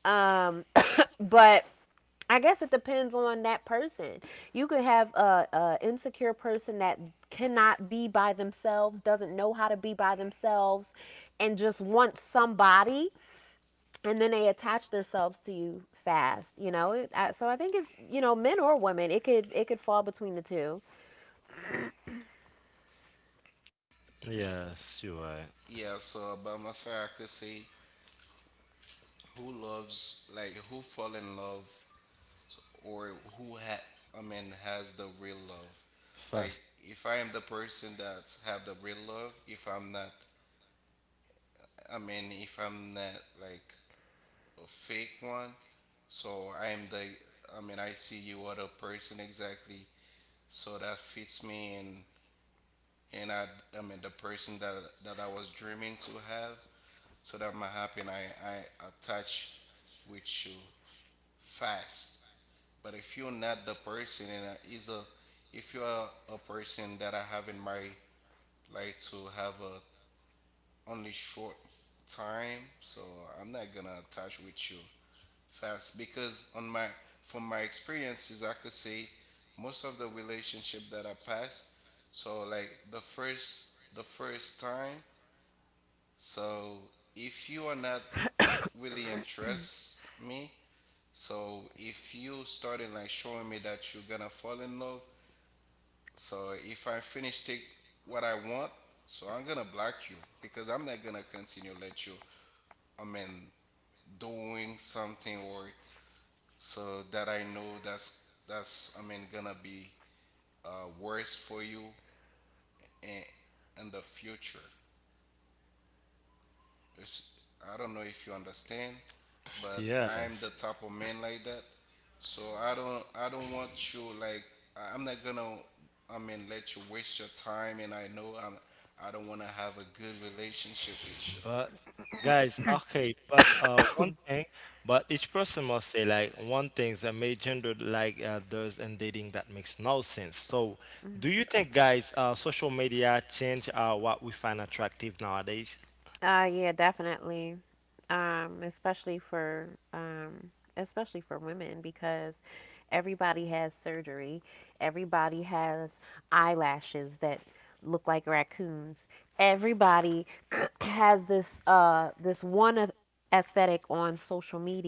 [SPEAKER 2] Um, but I guess it depends on that person. You could have a insecure person that cannot be by themselves, doesn't know how to be by themselves, and just wants somebody and then they attach themselves to you fast you know So I think it's you know men or women, it could fall between the two.
[SPEAKER 1] Yes, you are
[SPEAKER 3] yeah. So about myself, I could say who loves like who fall in love or who I mean has the real love. Like
[SPEAKER 1] fast.
[SPEAKER 3] if I am the person that's have the real love, if I'm not, I mean if I'm not like a fake one, so I am the, I mean I see you are the person exactly, so that fits me and I mean the person that that I was dreaming to have, so that I'm happy and I attach with you fast. But if you're not the person and is a if you are a person that I have in my life to have a only short time, so I'm not gonna attach with you fast because on my from my experiences I could say most of the relationship that I passed, so like the first time, so if you are not really interest me. So if you started like showing me that you're gonna fall in love, so if I finish take what I want, so I'm gonna block you because I'm not gonna continue let you. I mean, doing something or so that I know that's I mean gonna be worse for you in in the future. It's, I don't know if you understand, but I'm the
[SPEAKER 1] Yes.
[SPEAKER 3] type of man like that. So I don't want you like I- I'm not gonna I mean let you waste your time and I know I'm I don't wanna have a good relationship with you.
[SPEAKER 1] But guys, okay, but one thing, but each person must say like one thing that made gender like does in dating that makes no sense. So, do you think guys, social media change what we find attractive nowadays?
[SPEAKER 2] Yeah, definitely. Especially for women because everybody has surgery, everybody has eyelashes that look like raccoons, everybody has this one aesthetic on social media,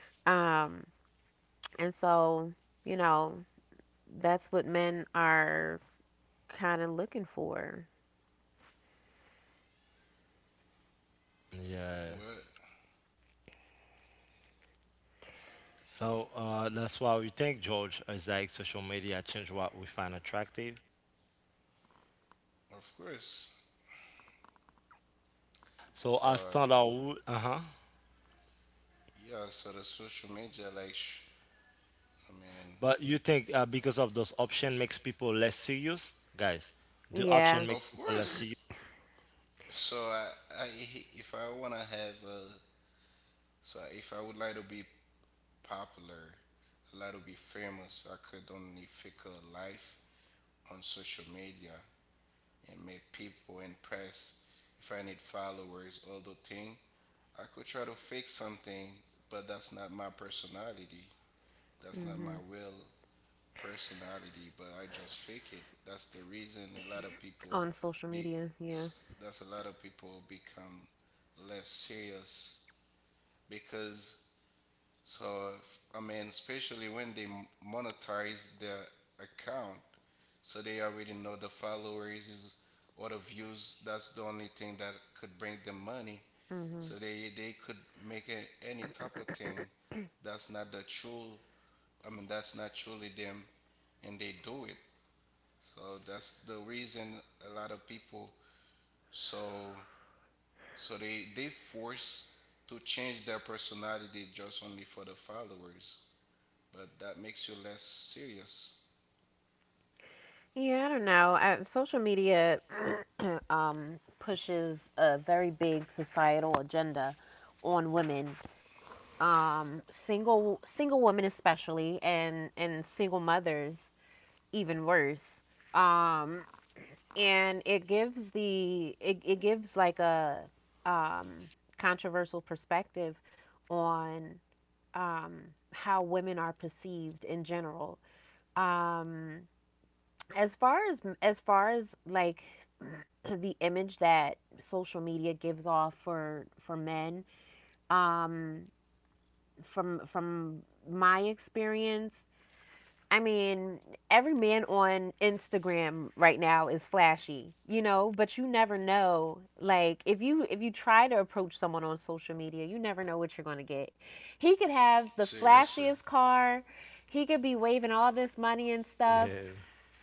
[SPEAKER 2] um and so, you know, that's what men are kind of looking for.
[SPEAKER 1] Yeah.
[SPEAKER 3] What?
[SPEAKER 1] So that's why we think George is like social media change what we find attractive.
[SPEAKER 3] Of course.
[SPEAKER 1] So
[SPEAKER 3] So
[SPEAKER 1] as standard, uh huh.
[SPEAKER 3] yeah, so the social media like I mean
[SPEAKER 1] But you think because of those option makes people less serious, guys? The option
[SPEAKER 2] Yeah.
[SPEAKER 1] makes
[SPEAKER 3] of
[SPEAKER 1] people less serious.
[SPEAKER 3] course. So I if I wanna have a so if I would like to be popular, a lot to be famous. I could only fake a life on social media and make people impressed. If I need followers, all the thing, I could try to fake something, but that's not my personality. That's not my
[SPEAKER 2] Hmm.
[SPEAKER 3] real personality. But I just fake it. That's the reason a lot of people
[SPEAKER 2] On social
[SPEAKER 3] be.
[SPEAKER 2] media, yeah.
[SPEAKER 3] That's a lot of people become less serious because so if, I mean, especially when they monetize their account, so they already know the followers is or the views. That's the only thing that could bring them money.
[SPEAKER 2] Hmm.
[SPEAKER 3] So they could make a, any type of thing that's not the true. I mean, that's not truly them, and they do it. So that's the reason a lot of people so so they force to change their personality just only for the followers but that makes you less serious.
[SPEAKER 2] Yeah, I don't know. Social media pushes a very big societal agenda on women, single women especially, and single mothers even worse. Um, and it gives the it, it gives like a um, controversial perspective on, um, how women are perceived in general. Um, as far as like the image that social media gives off for men, um, from my experience, I mean, every man on Instagram right now is flashy, you know, but you never know. Like if you try to approach someone on social media, you never know what you're going to get. He could have the
[SPEAKER 3] Serious.
[SPEAKER 2] flashiest car. He could be waving all this money and stuff,
[SPEAKER 1] Yeah.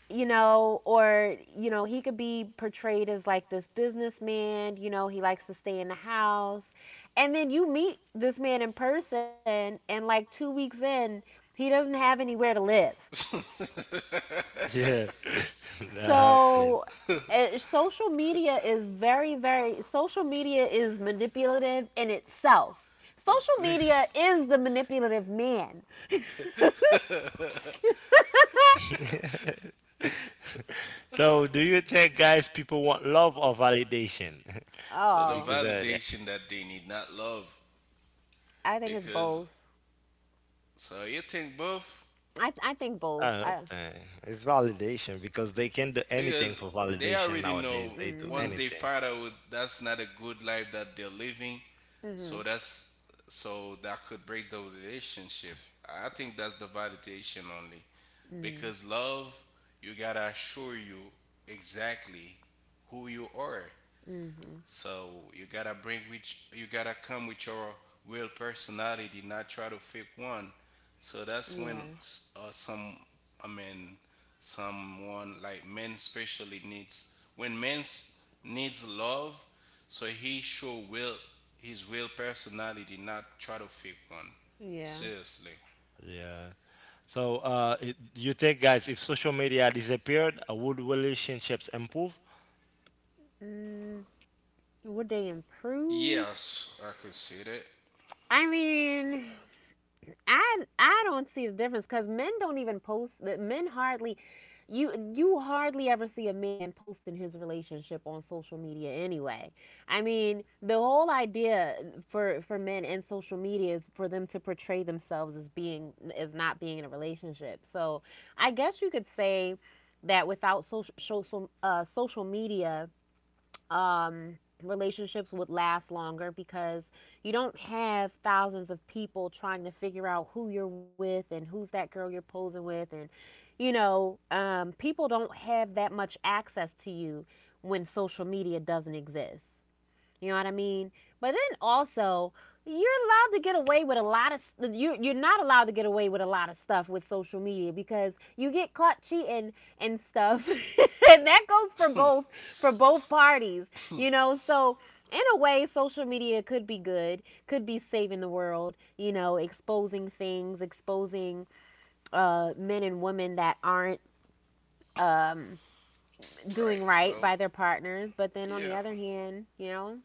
[SPEAKER 2] you know, or you know, he could be portrayed as like this businessman, you know, he likes to stay in the house. And then you meet this man in person and like 2 weeks in, he doesn't have anywhere to live.
[SPEAKER 3] uh,
[SPEAKER 1] Yeah, that happened.
[SPEAKER 2] So, social media is manipulative in itself.
[SPEAKER 3] of
[SPEAKER 2] Social media
[SPEAKER 3] course.
[SPEAKER 2] is the manipulative man.
[SPEAKER 1] So, do you think, guys, people want love or validation?
[SPEAKER 3] So the
[SPEAKER 2] Oh,
[SPEAKER 1] Because of that.
[SPEAKER 3] validation that they need, not love,
[SPEAKER 2] I think it's
[SPEAKER 3] because
[SPEAKER 2] both.
[SPEAKER 3] so you think both
[SPEAKER 2] I think both.
[SPEAKER 1] I don't think it's validation because they can do anything
[SPEAKER 3] because
[SPEAKER 1] for
[SPEAKER 3] they
[SPEAKER 1] validation
[SPEAKER 3] already
[SPEAKER 1] nowadays.
[SPEAKER 3] know
[SPEAKER 1] They do
[SPEAKER 3] once
[SPEAKER 2] Mm-hmm.
[SPEAKER 3] they
[SPEAKER 1] anything.
[SPEAKER 3] find out that's not a good life that they're living,
[SPEAKER 2] Mm-hmm.
[SPEAKER 3] so that's so that could break the relationship. I think that's the validation only.
[SPEAKER 2] Mm.
[SPEAKER 3] Because love, you gotta assure you exactly who you are.
[SPEAKER 2] Mm-hmm.
[SPEAKER 3] So you gotta bring with you gotta come with your real personality, not try to fake one. So
[SPEAKER 2] Yeah,
[SPEAKER 3] that's when some I mean someone like men especially needs when men needs love. So he show will his real personality, not try to fake one.
[SPEAKER 2] yeah.
[SPEAKER 3] Seriously.
[SPEAKER 1] Yeah. So, you think, guys, if social media disappeared, would relationships improve?
[SPEAKER 2] Mm. Would they improve?
[SPEAKER 3] Yes, I could see that.
[SPEAKER 2] I mean, I don't see the difference because men don't even post. Men hardly, you hardly ever see a man posting his relationship on social media anyway. I mean, the whole idea for men in social media is for them to portray themselves as being as not being in a relationship. So I guess you could say that without social media, um, relationships would last longer because you don't have thousands of people trying to figure out who you're with and who's that girl you're posing with. And, you know, people don't have that much access to you when social media doesn't exist. You know what I mean? But then also, you're allowed to get away with a lot of you're not allowed to get away with a lot of stuff with social media because you get caught cheating and stuff. And that goes for both parties, you know? So, in a way, social media could be good, could be saving the world, you know, exposing things, exposing men and women that aren't um
[SPEAKER 3] Right.
[SPEAKER 2] doing
[SPEAKER 3] So
[SPEAKER 2] right by their partners, but then on the
[SPEAKER 3] yeah.
[SPEAKER 2] other hand, you know,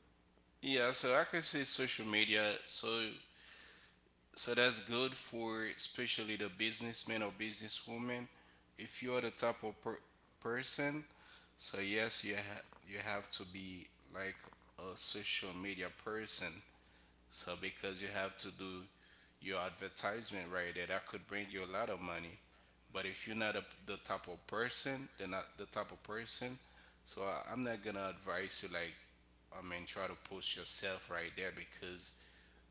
[SPEAKER 3] Yeah, so I can see social media. So so that's good for especially the businessman or businesswoman. If you are the type of person, so yes, you have to be like a social media person. So because you have to do your advertisement right there, that could bring you a lot of money. But if you're not the type of person, then not the type of person. So I'm not gonna advise you, like, I mean, try to post yourself right there, because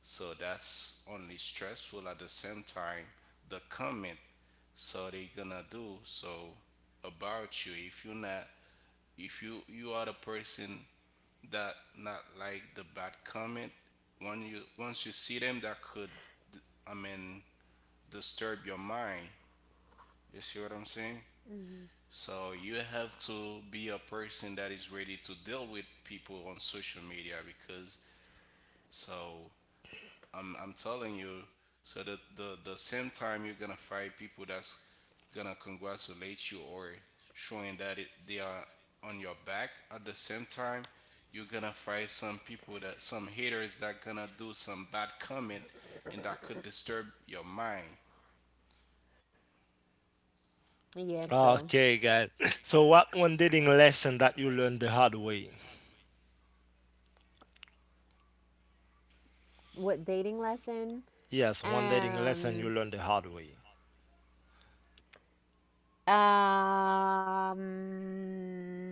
[SPEAKER 3] so that's only stressful at the same time. The comment, so they gonna do so about you if you not, if you are the person that not like the bad comment. When you once you see them, that could, I mean, disturb your mind. You see what I'm saying?
[SPEAKER 2] mhm.
[SPEAKER 3] So you have to be a person that is ready to deal with people on social media, because so I'm telling you. So the same time you're gonna find people that's gonna congratulate you or showing that they are on your back. At the same time, you're gonna find some people, that some haters that gonna do some bad comment, and that could disturb your mind.
[SPEAKER 2] Yeah, true.
[SPEAKER 1] Okay, guys. So, what one dating lesson that you learned the hard way?
[SPEAKER 2] What dating lesson?
[SPEAKER 1] Yes, one dating lesson you
[SPEAKER 2] Um,
[SPEAKER 1] learned the hard way.
[SPEAKER 2] um,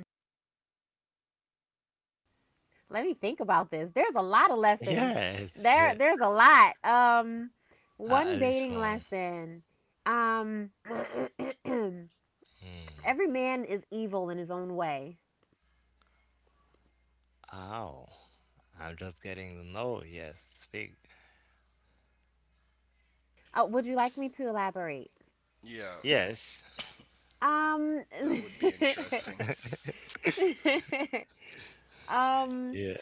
[SPEAKER 2] Let me think about this. There's a lot of lessons.
[SPEAKER 1] Yes, yeah.
[SPEAKER 2] There's a lot.
[SPEAKER 1] Uh,
[SPEAKER 2] One
[SPEAKER 1] at least
[SPEAKER 2] dating
[SPEAKER 1] one.
[SPEAKER 2] lesson. Um,
[SPEAKER 1] Hmm.
[SPEAKER 2] every man is evil in his own way.
[SPEAKER 1] Ow. I'm just getting to know. Yes. Speak.
[SPEAKER 2] Would you like me to elaborate?
[SPEAKER 3] Yeah,
[SPEAKER 1] Yes.
[SPEAKER 2] Um,
[SPEAKER 3] that would be interesting.
[SPEAKER 2] um,
[SPEAKER 1] Yeah.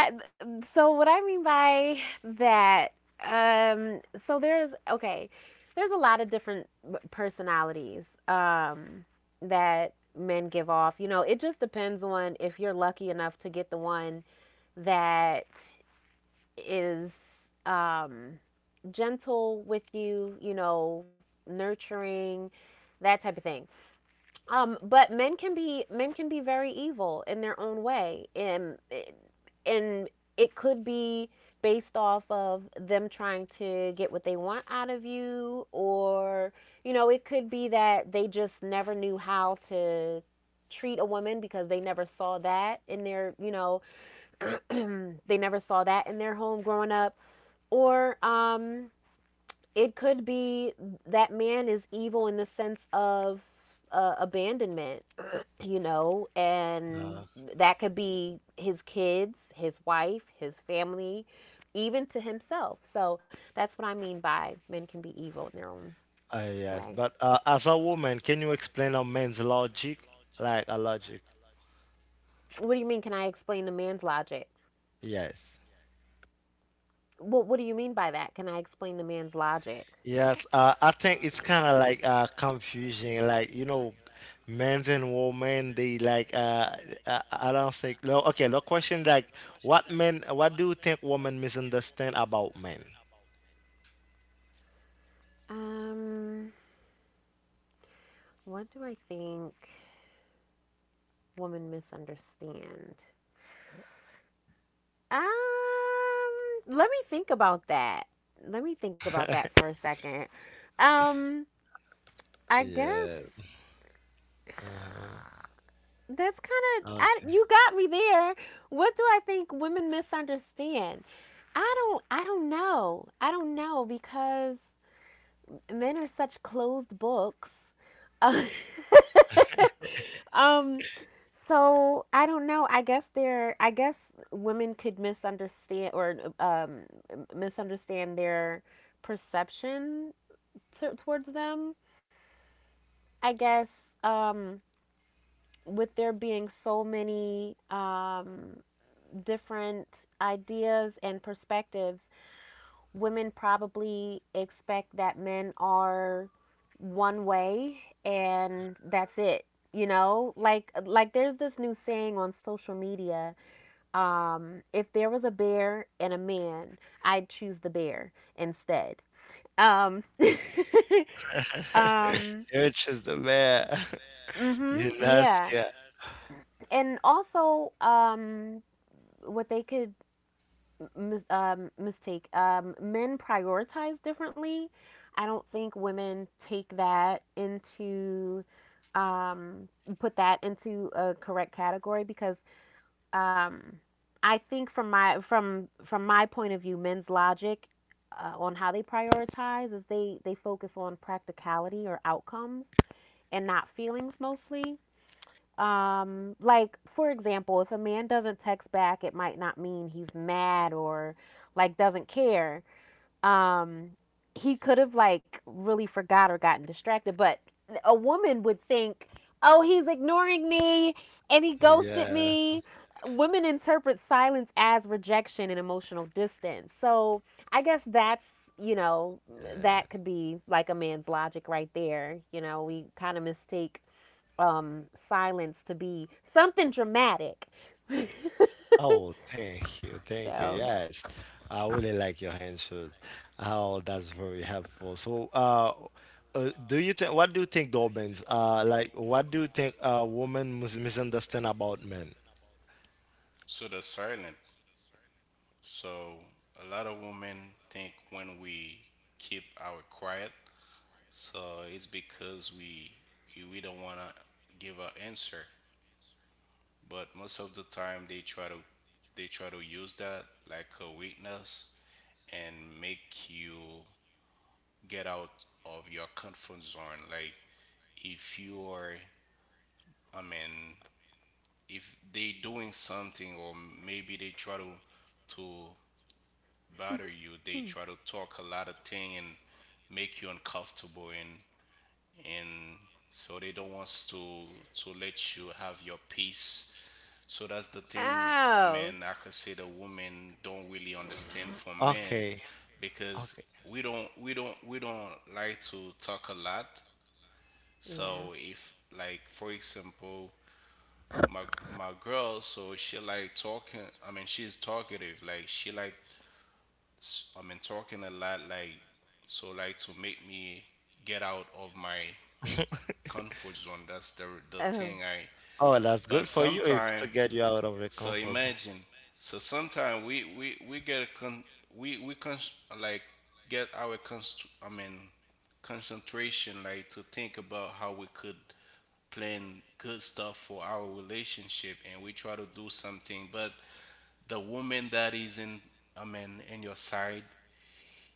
[SPEAKER 2] I so what I mean by that, um so there's okay there's a lot of different personalities, that men give off, you know, it just depends on if you're lucky enough to get the one that is, um gentle with you, you know, nurturing, that type of thing. But men can be very evil in their own way, and and it could be based off of them trying to get what they want out of you, or you know, it could be that they just never knew how to treat a woman because they never saw that in their, you know, they never saw that in their home growing up, or it could be that man is evil in the sense of abandonment, you know,
[SPEAKER 1] Uh,
[SPEAKER 2] and that could be his kids, his wife, his family, even to himself. So that's what I mean by men can be evil in their own
[SPEAKER 1] yes.
[SPEAKER 2] way.
[SPEAKER 1] But as a woman, can you explain a man's logic? Like a logic.
[SPEAKER 2] What do you mean? Can I explain the man's logic?
[SPEAKER 1] Yes.
[SPEAKER 2] What do you mean by that? Can I explain the man's logic?
[SPEAKER 1] Yes. I think it's kind of like confusing. Like, men and women, they like, I don't think. No, okay. The question like, what do you think women misunderstand about men?
[SPEAKER 2] Um, What do I think women misunderstand? Um, let me think about that. Let me think about that for a second. Um, I
[SPEAKER 1] Yeah.
[SPEAKER 2] guess
[SPEAKER 1] Uh-huh.
[SPEAKER 2] that's kind of I
[SPEAKER 1] Okay.
[SPEAKER 2] you got me there. What do I think women misunderstand? I don't know. I don't know because men are such closed books. Uh, um, so I don't know. I guess they're. I guess women could misunderstand or misunderstand their perception towards them. I guess, um, with there being so many, different ideas and perspectives, women probably expect that men are one way and that's it, you know, like there's this new saying on social media, um, if there was a bear and a man, I'd choose the bear instead. Um, um,
[SPEAKER 1] You're just the
[SPEAKER 2] you're
[SPEAKER 1] man.
[SPEAKER 2] just a man.
[SPEAKER 1] You're
[SPEAKER 2] Mhm. Yeah.
[SPEAKER 1] UNESCO.
[SPEAKER 2] That's good. And also, what they could mis- mistake. Men prioritize differently. I don't think women take that into, um, put that into a correct category because, um, I think from my point of view, men's logic on how they prioritize is they focus on practicality or outcomes and not feelings mostly. Like for example, if a man doesn't text back, it might not mean he's mad or like doesn't care. Um, he could have like really forgot or gotten distracted, but a woman would think, "Oh, he's ignoring me and he ghosted
[SPEAKER 1] Yeah,
[SPEAKER 2] me." Women interpret silence as rejection and emotional distance. So, I guess that's, you know,
[SPEAKER 1] yeah.
[SPEAKER 2] that could be like a man's logic right there. You know, we kind of mistake, silence to be something dramatic.
[SPEAKER 1] Oh, thank you, thank you.
[SPEAKER 2] So,
[SPEAKER 1] Yes, I really like your hand shoes. Oh, that's very helpful. So, do you think? What do you think, Dobbins? Like, what do you think? Women misunderstand about men.
[SPEAKER 3] So the silent. So a lot of women think when we keep our quiet, so it's because we don't wanna give an answer. But most of the time, they try to use that like a weakness and make you get out of your comfort zone. Like, if you are, I mean, if they doing something, or maybe they try to bother you, they
[SPEAKER 2] hmm.
[SPEAKER 3] try to talk a lot of thing and make you uncomfortable, and so they don't want to let you have your peace. So that's the thing, I
[SPEAKER 2] Oh,
[SPEAKER 3] mean, I could say the women don't really understand from men,
[SPEAKER 1] Okay, okay.
[SPEAKER 3] because we don't like to talk a lot.
[SPEAKER 2] yeah.
[SPEAKER 3] So if, like, for example, my girl, so she like talking, I mean, she's talkative, like she like I mean talking a lot, like, so, like to make me get out of my comfort zone. That's the thing
[SPEAKER 2] Oh,
[SPEAKER 3] I.
[SPEAKER 1] Oh, that's
[SPEAKER 3] But
[SPEAKER 1] good for you if
[SPEAKER 3] sometimes,
[SPEAKER 1] to get you out of the
[SPEAKER 3] so
[SPEAKER 1] comfort zone.
[SPEAKER 3] imagine. So sometimes we get a con we con like get our const I mean concentration, like to think about how we could plan good stuff for our relationship, and we try to do something, but the woman that is in, I mean, in your side,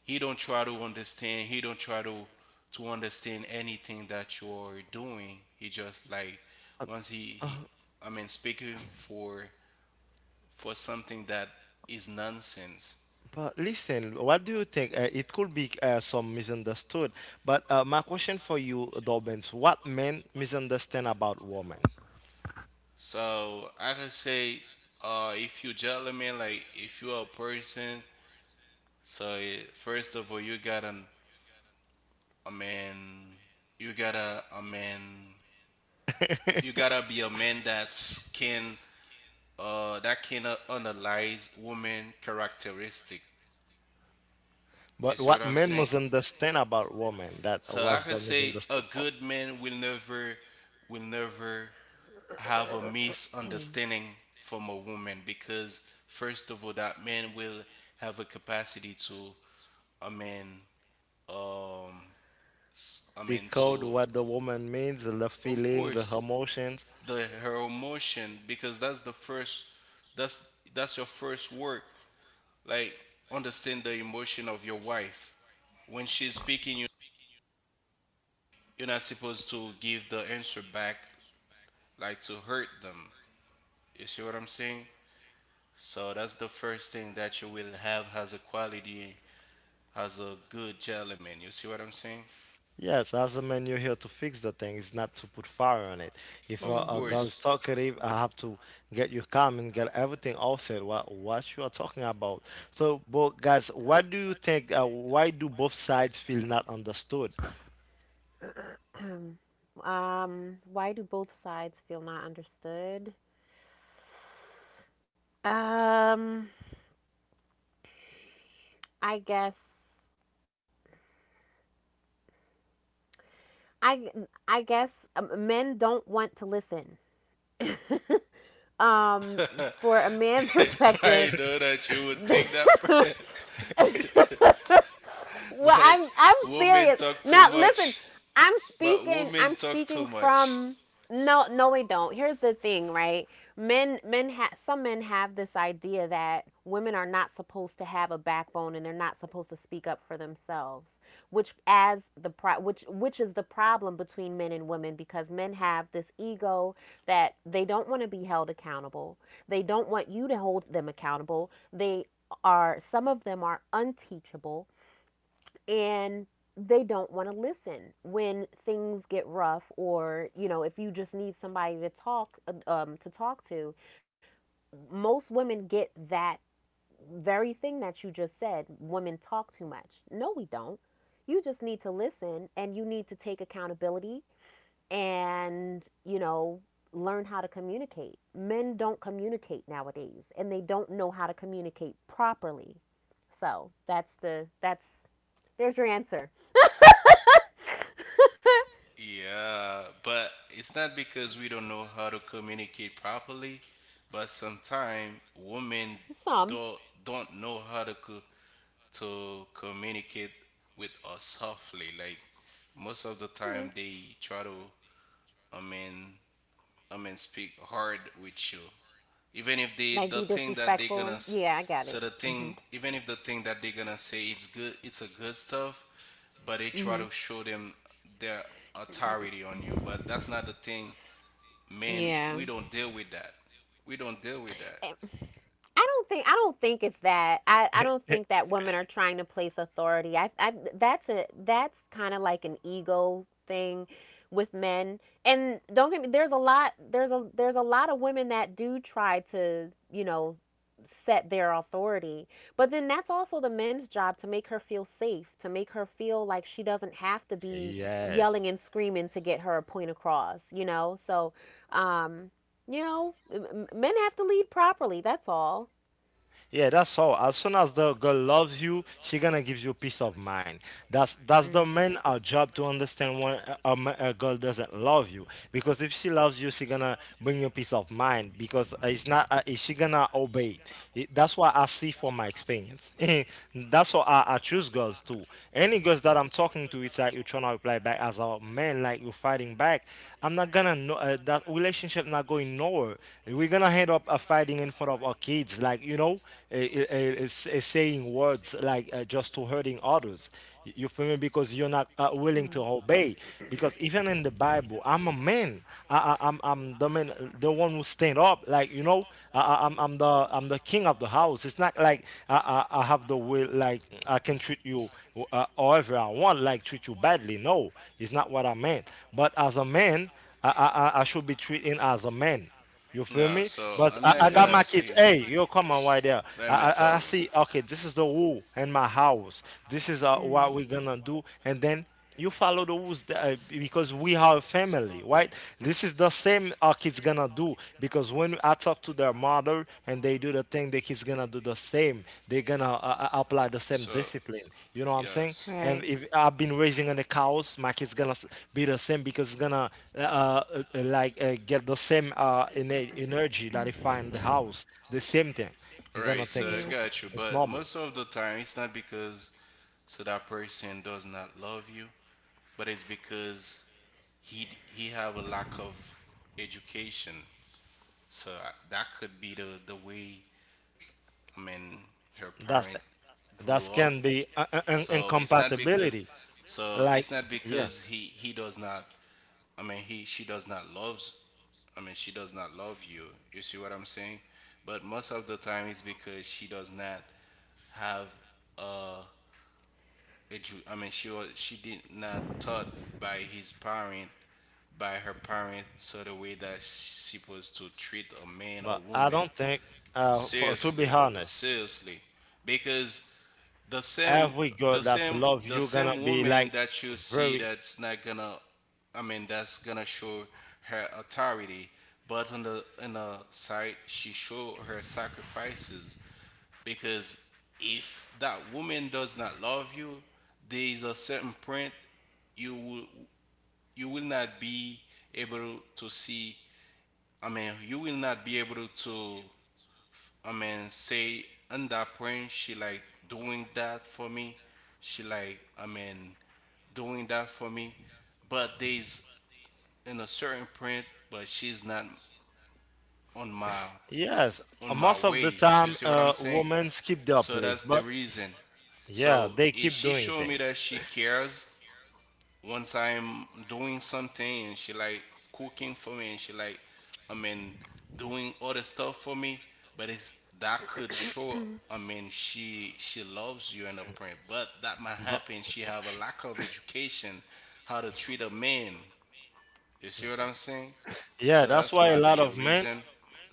[SPEAKER 3] he don't try to understand, he don't try to understand anything that you're doing. He just like once he I mean speaking for something that is nonsense.
[SPEAKER 1] But listen, what do you think? It could be some misunderstood, but my question for you, Dobbins, what men misunderstand about women?
[SPEAKER 3] So I could say, if you gentleman, like if you're a person, so first of all you gotta a man, you gotta a man you gotta be a man that can, that can, analyze woman characteristic. You
[SPEAKER 1] But
[SPEAKER 3] see what
[SPEAKER 1] what
[SPEAKER 3] I'm
[SPEAKER 1] men
[SPEAKER 3] saying?
[SPEAKER 1] misunderstand about women, that
[SPEAKER 3] So I
[SPEAKER 1] was
[SPEAKER 3] can
[SPEAKER 1] the
[SPEAKER 3] say a
[SPEAKER 1] misunderstood part.
[SPEAKER 3] good man will never have a misunderstanding from a woman, because first of all that man will have a capacity to a man, um I
[SPEAKER 1] The
[SPEAKER 3] mean
[SPEAKER 1] code,
[SPEAKER 3] to,
[SPEAKER 1] what the woman means, the
[SPEAKER 3] of
[SPEAKER 1] feeling, the
[SPEAKER 3] course,
[SPEAKER 1] emotions.
[SPEAKER 3] the her emotion. Because that's the first that's your first work, like, understand the emotion of your wife. When she's speaking you're not supposed to give the answer back, like to hurt them. You see what I'm saying? So that's the first thing that you will have as a quality, as a good gentleman. You see what I'm saying?
[SPEAKER 1] Yes, as a man, you're here to fix the thing. It's not to put fire on it. If a,
[SPEAKER 3] Of
[SPEAKER 1] a
[SPEAKER 2] mm-hmm.
[SPEAKER 1] girl's
[SPEAKER 3] course.
[SPEAKER 1] talkative, I have to get you calm and get everything all set. What you are talking about? So, but guys, why do you think? Why do both sides feel not understood?
[SPEAKER 2] Um, why do both sides feel not understood? Um, I guess I I guess, men don't want to listen. Um, for a man's
[SPEAKER 3] I
[SPEAKER 2] perspective,
[SPEAKER 3] know that you would think that,
[SPEAKER 2] well,
[SPEAKER 3] but
[SPEAKER 2] I'm
[SPEAKER 3] women
[SPEAKER 2] serious.
[SPEAKER 3] talk too
[SPEAKER 2] Now listen,
[SPEAKER 3] much. But women
[SPEAKER 2] I'm
[SPEAKER 3] talk
[SPEAKER 2] speaking
[SPEAKER 3] too much.
[SPEAKER 2] from, no, no, we don't. Here's the thing, right? Men some men have this idea that women are not supposed to have a backbone and they're not supposed to speak up for themselves, which which is the problem between men and women because men have this ego that they don't want to be held accountable. They don't want you to hold them accountable. They are some of them are unteachable and they don't want to listen when things get rough, or you know, if you just need somebody to talk to talk to. Most women get that very thing that you just said, women talk too much. No, we don't. You just need to listen, and you need to take accountability and, you know, learn how to communicate. Men don't communicate nowadays and they don't know how to communicate properly. So that's there's your answer.
[SPEAKER 3] Yeah, but it's not because we don't know how to communicate properly, but sometimes women
[SPEAKER 2] Some.
[SPEAKER 3] don't don't know how to communicate with us softly. Like, most of the
[SPEAKER 2] Mm.
[SPEAKER 3] time, they try to, I mean I mean speak hard with you, even if
[SPEAKER 2] Like, be
[SPEAKER 3] the thing that they
[SPEAKER 2] disrespectful.
[SPEAKER 3] gonna
[SPEAKER 2] Yeah, I got it.
[SPEAKER 3] so, the
[SPEAKER 2] Mhm.
[SPEAKER 3] thing, even if the thing that they gonna say, it's good, it's a good stuff, but they try
[SPEAKER 2] Mhm.
[SPEAKER 3] to show them their authority on you. But that's not the thing, man.
[SPEAKER 2] Yeah.
[SPEAKER 3] We don't deal with that. We don't deal with that.
[SPEAKER 2] I I don't think it's that. I don't think that women are trying to place authority. I That's a that's kind of like an ego thing with men. And don't get me, there's a lot of women that do try to, you know, set their authority. But then that's also the men's job to make her feel safe, to make her feel like she doesn't have to be
[SPEAKER 1] Yes.
[SPEAKER 2] yelling and screaming to get her point across, you know? So, um, you know, men have to lead properly. That's all.
[SPEAKER 1] Yeah, that's all. As soon as the girl loves you, she gonna give you peace of mind. That's the
[SPEAKER 2] Mm-hmm.
[SPEAKER 1] main our job to understand when a girl doesn't love you. Because if she loves you, she gonna bring you peace of mind. Because it's not is she gonna obey. That's what I see from my experience. That's what I choose girls too. Any girls that I'm talking to, it's like you're trying to reply back as a man, like you're fighting back. I'm not gonna know that relationship not going nowhere. We're gonna end up fighting in front of our kids, like, saying words like just to hurting others. You feel me? Because you're not willing to obey. Because even in the Bible, I'm a man. I'm the man, the one who stand up. Like, I'm the king of the house. It's not like I have the will. Like I can treat you however I want. Like treat you badly. No, it's not what I meant. But as a man, I should be treated as a man. You feel
[SPEAKER 3] No,
[SPEAKER 1] me?
[SPEAKER 3] so
[SPEAKER 1] But
[SPEAKER 3] I'm
[SPEAKER 1] I,
[SPEAKER 3] not
[SPEAKER 1] I got
[SPEAKER 2] Yeah.
[SPEAKER 3] gonna
[SPEAKER 1] my kids.
[SPEAKER 3] say.
[SPEAKER 1] Hey, yo, come on, right there.
[SPEAKER 3] Let me
[SPEAKER 1] I, I
[SPEAKER 3] tell
[SPEAKER 1] I see.
[SPEAKER 3] you.
[SPEAKER 1] Okay, this is the rule in my house. This is
[SPEAKER 2] Rules.
[SPEAKER 1] what we're
[SPEAKER 2] Mm.
[SPEAKER 1] gonna do, and then you follow the rules that, because we are a family, right? This is the same our kids gonna do because when I talk to their mother, and they do the thing that he's gonna do the same they're gonna apply the same
[SPEAKER 3] So
[SPEAKER 1] discipline, you know what I'm saying?
[SPEAKER 3] yes,
[SPEAKER 1] And if I've been raising on the cows, my kid's gonna be the same because it's gonna like get the same innate energy that he find the house the same thing you gonna
[SPEAKER 3] right,
[SPEAKER 1] think
[SPEAKER 3] so I
[SPEAKER 1] it's,
[SPEAKER 2] Yeah.
[SPEAKER 3] got you.
[SPEAKER 1] it's
[SPEAKER 3] But
[SPEAKER 1] normal.
[SPEAKER 3] most of the time, it's not because, so that person does not love you, but it's because he have a lack of education. So that could be the way, I mean, her
[SPEAKER 1] that's
[SPEAKER 3] parent grew
[SPEAKER 1] that
[SPEAKER 3] up.
[SPEAKER 1] can be
[SPEAKER 3] So it's not because,
[SPEAKER 1] incompatibility like, yeah,
[SPEAKER 3] he does not, I mean, he she does not loves I mean she does not love you. You see what I'm saying? But most of the time, it's because she does not have, uh, a I mean, she did not taught by his parent, by her parent, so the way that she supposed to treat a man or
[SPEAKER 1] but I
[SPEAKER 3] woman.
[SPEAKER 1] don't think for to be
[SPEAKER 3] Seriously,
[SPEAKER 1] honest
[SPEAKER 3] seriously, because the same,
[SPEAKER 1] every girl
[SPEAKER 3] the
[SPEAKER 1] that's
[SPEAKER 3] same,
[SPEAKER 1] love
[SPEAKER 3] the
[SPEAKER 1] you gonna
[SPEAKER 3] same
[SPEAKER 1] be
[SPEAKER 3] woman
[SPEAKER 1] like
[SPEAKER 3] that you see,
[SPEAKER 1] very.
[SPEAKER 3] that's not gonna, I mean, that's gonna show her authority, but on the side she show her sacrifices. Because if that woman does not love you, there is a certain point you will you will not be able to see, I mean, you will not be able to, I mean, say on that point, she like doing that for me, she like, I mean, doing that for me. But there's, in a certain point, but she's not on my
[SPEAKER 1] Yes,
[SPEAKER 3] on my
[SPEAKER 1] most of the
[SPEAKER 3] way. You
[SPEAKER 1] time,
[SPEAKER 3] see what I'm saying?
[SPEAKER 1] women keep their
[SPEAKER 3] So
[SPEAKER 1] place,
[SPEAKER 3] that's the
[SPEAKER 1] but
[SPEAKER 3] reason.
[SPEAKER 1] yeah,
[SPEAKER 3] So
[SPEAKER 1] they
[SPEAKER 3] if
[SPEAKER 1] keep
[SPEAKER 3] she
[SPEAKER 1] doing
[SPEAKER 3] show me
[SPEAKER 1] things.
[SPEAKER 3] that she cares, once I'm doing something, and she like cooking for me, and she like, I mean, doing other stuff for me, but it's that could show, I mean, she loves you in a print, but that might
[SPEAKER 1] But
[SPEAKER 3] happen. She have a lack of education how to treat a man. You see what I'm saying?
[SPEAKER 1] yeah,
[SPEAKER 3] So
[SPEAKER 1] that's
[SPEAKER 3] that's
[SPEAKER 1] why a
[SPEAKER 3] might
[SPEAKER 1] lot
[SPEAKER 3] be the
[SPEAKER 1] of men
[SPEAKER 3] reason.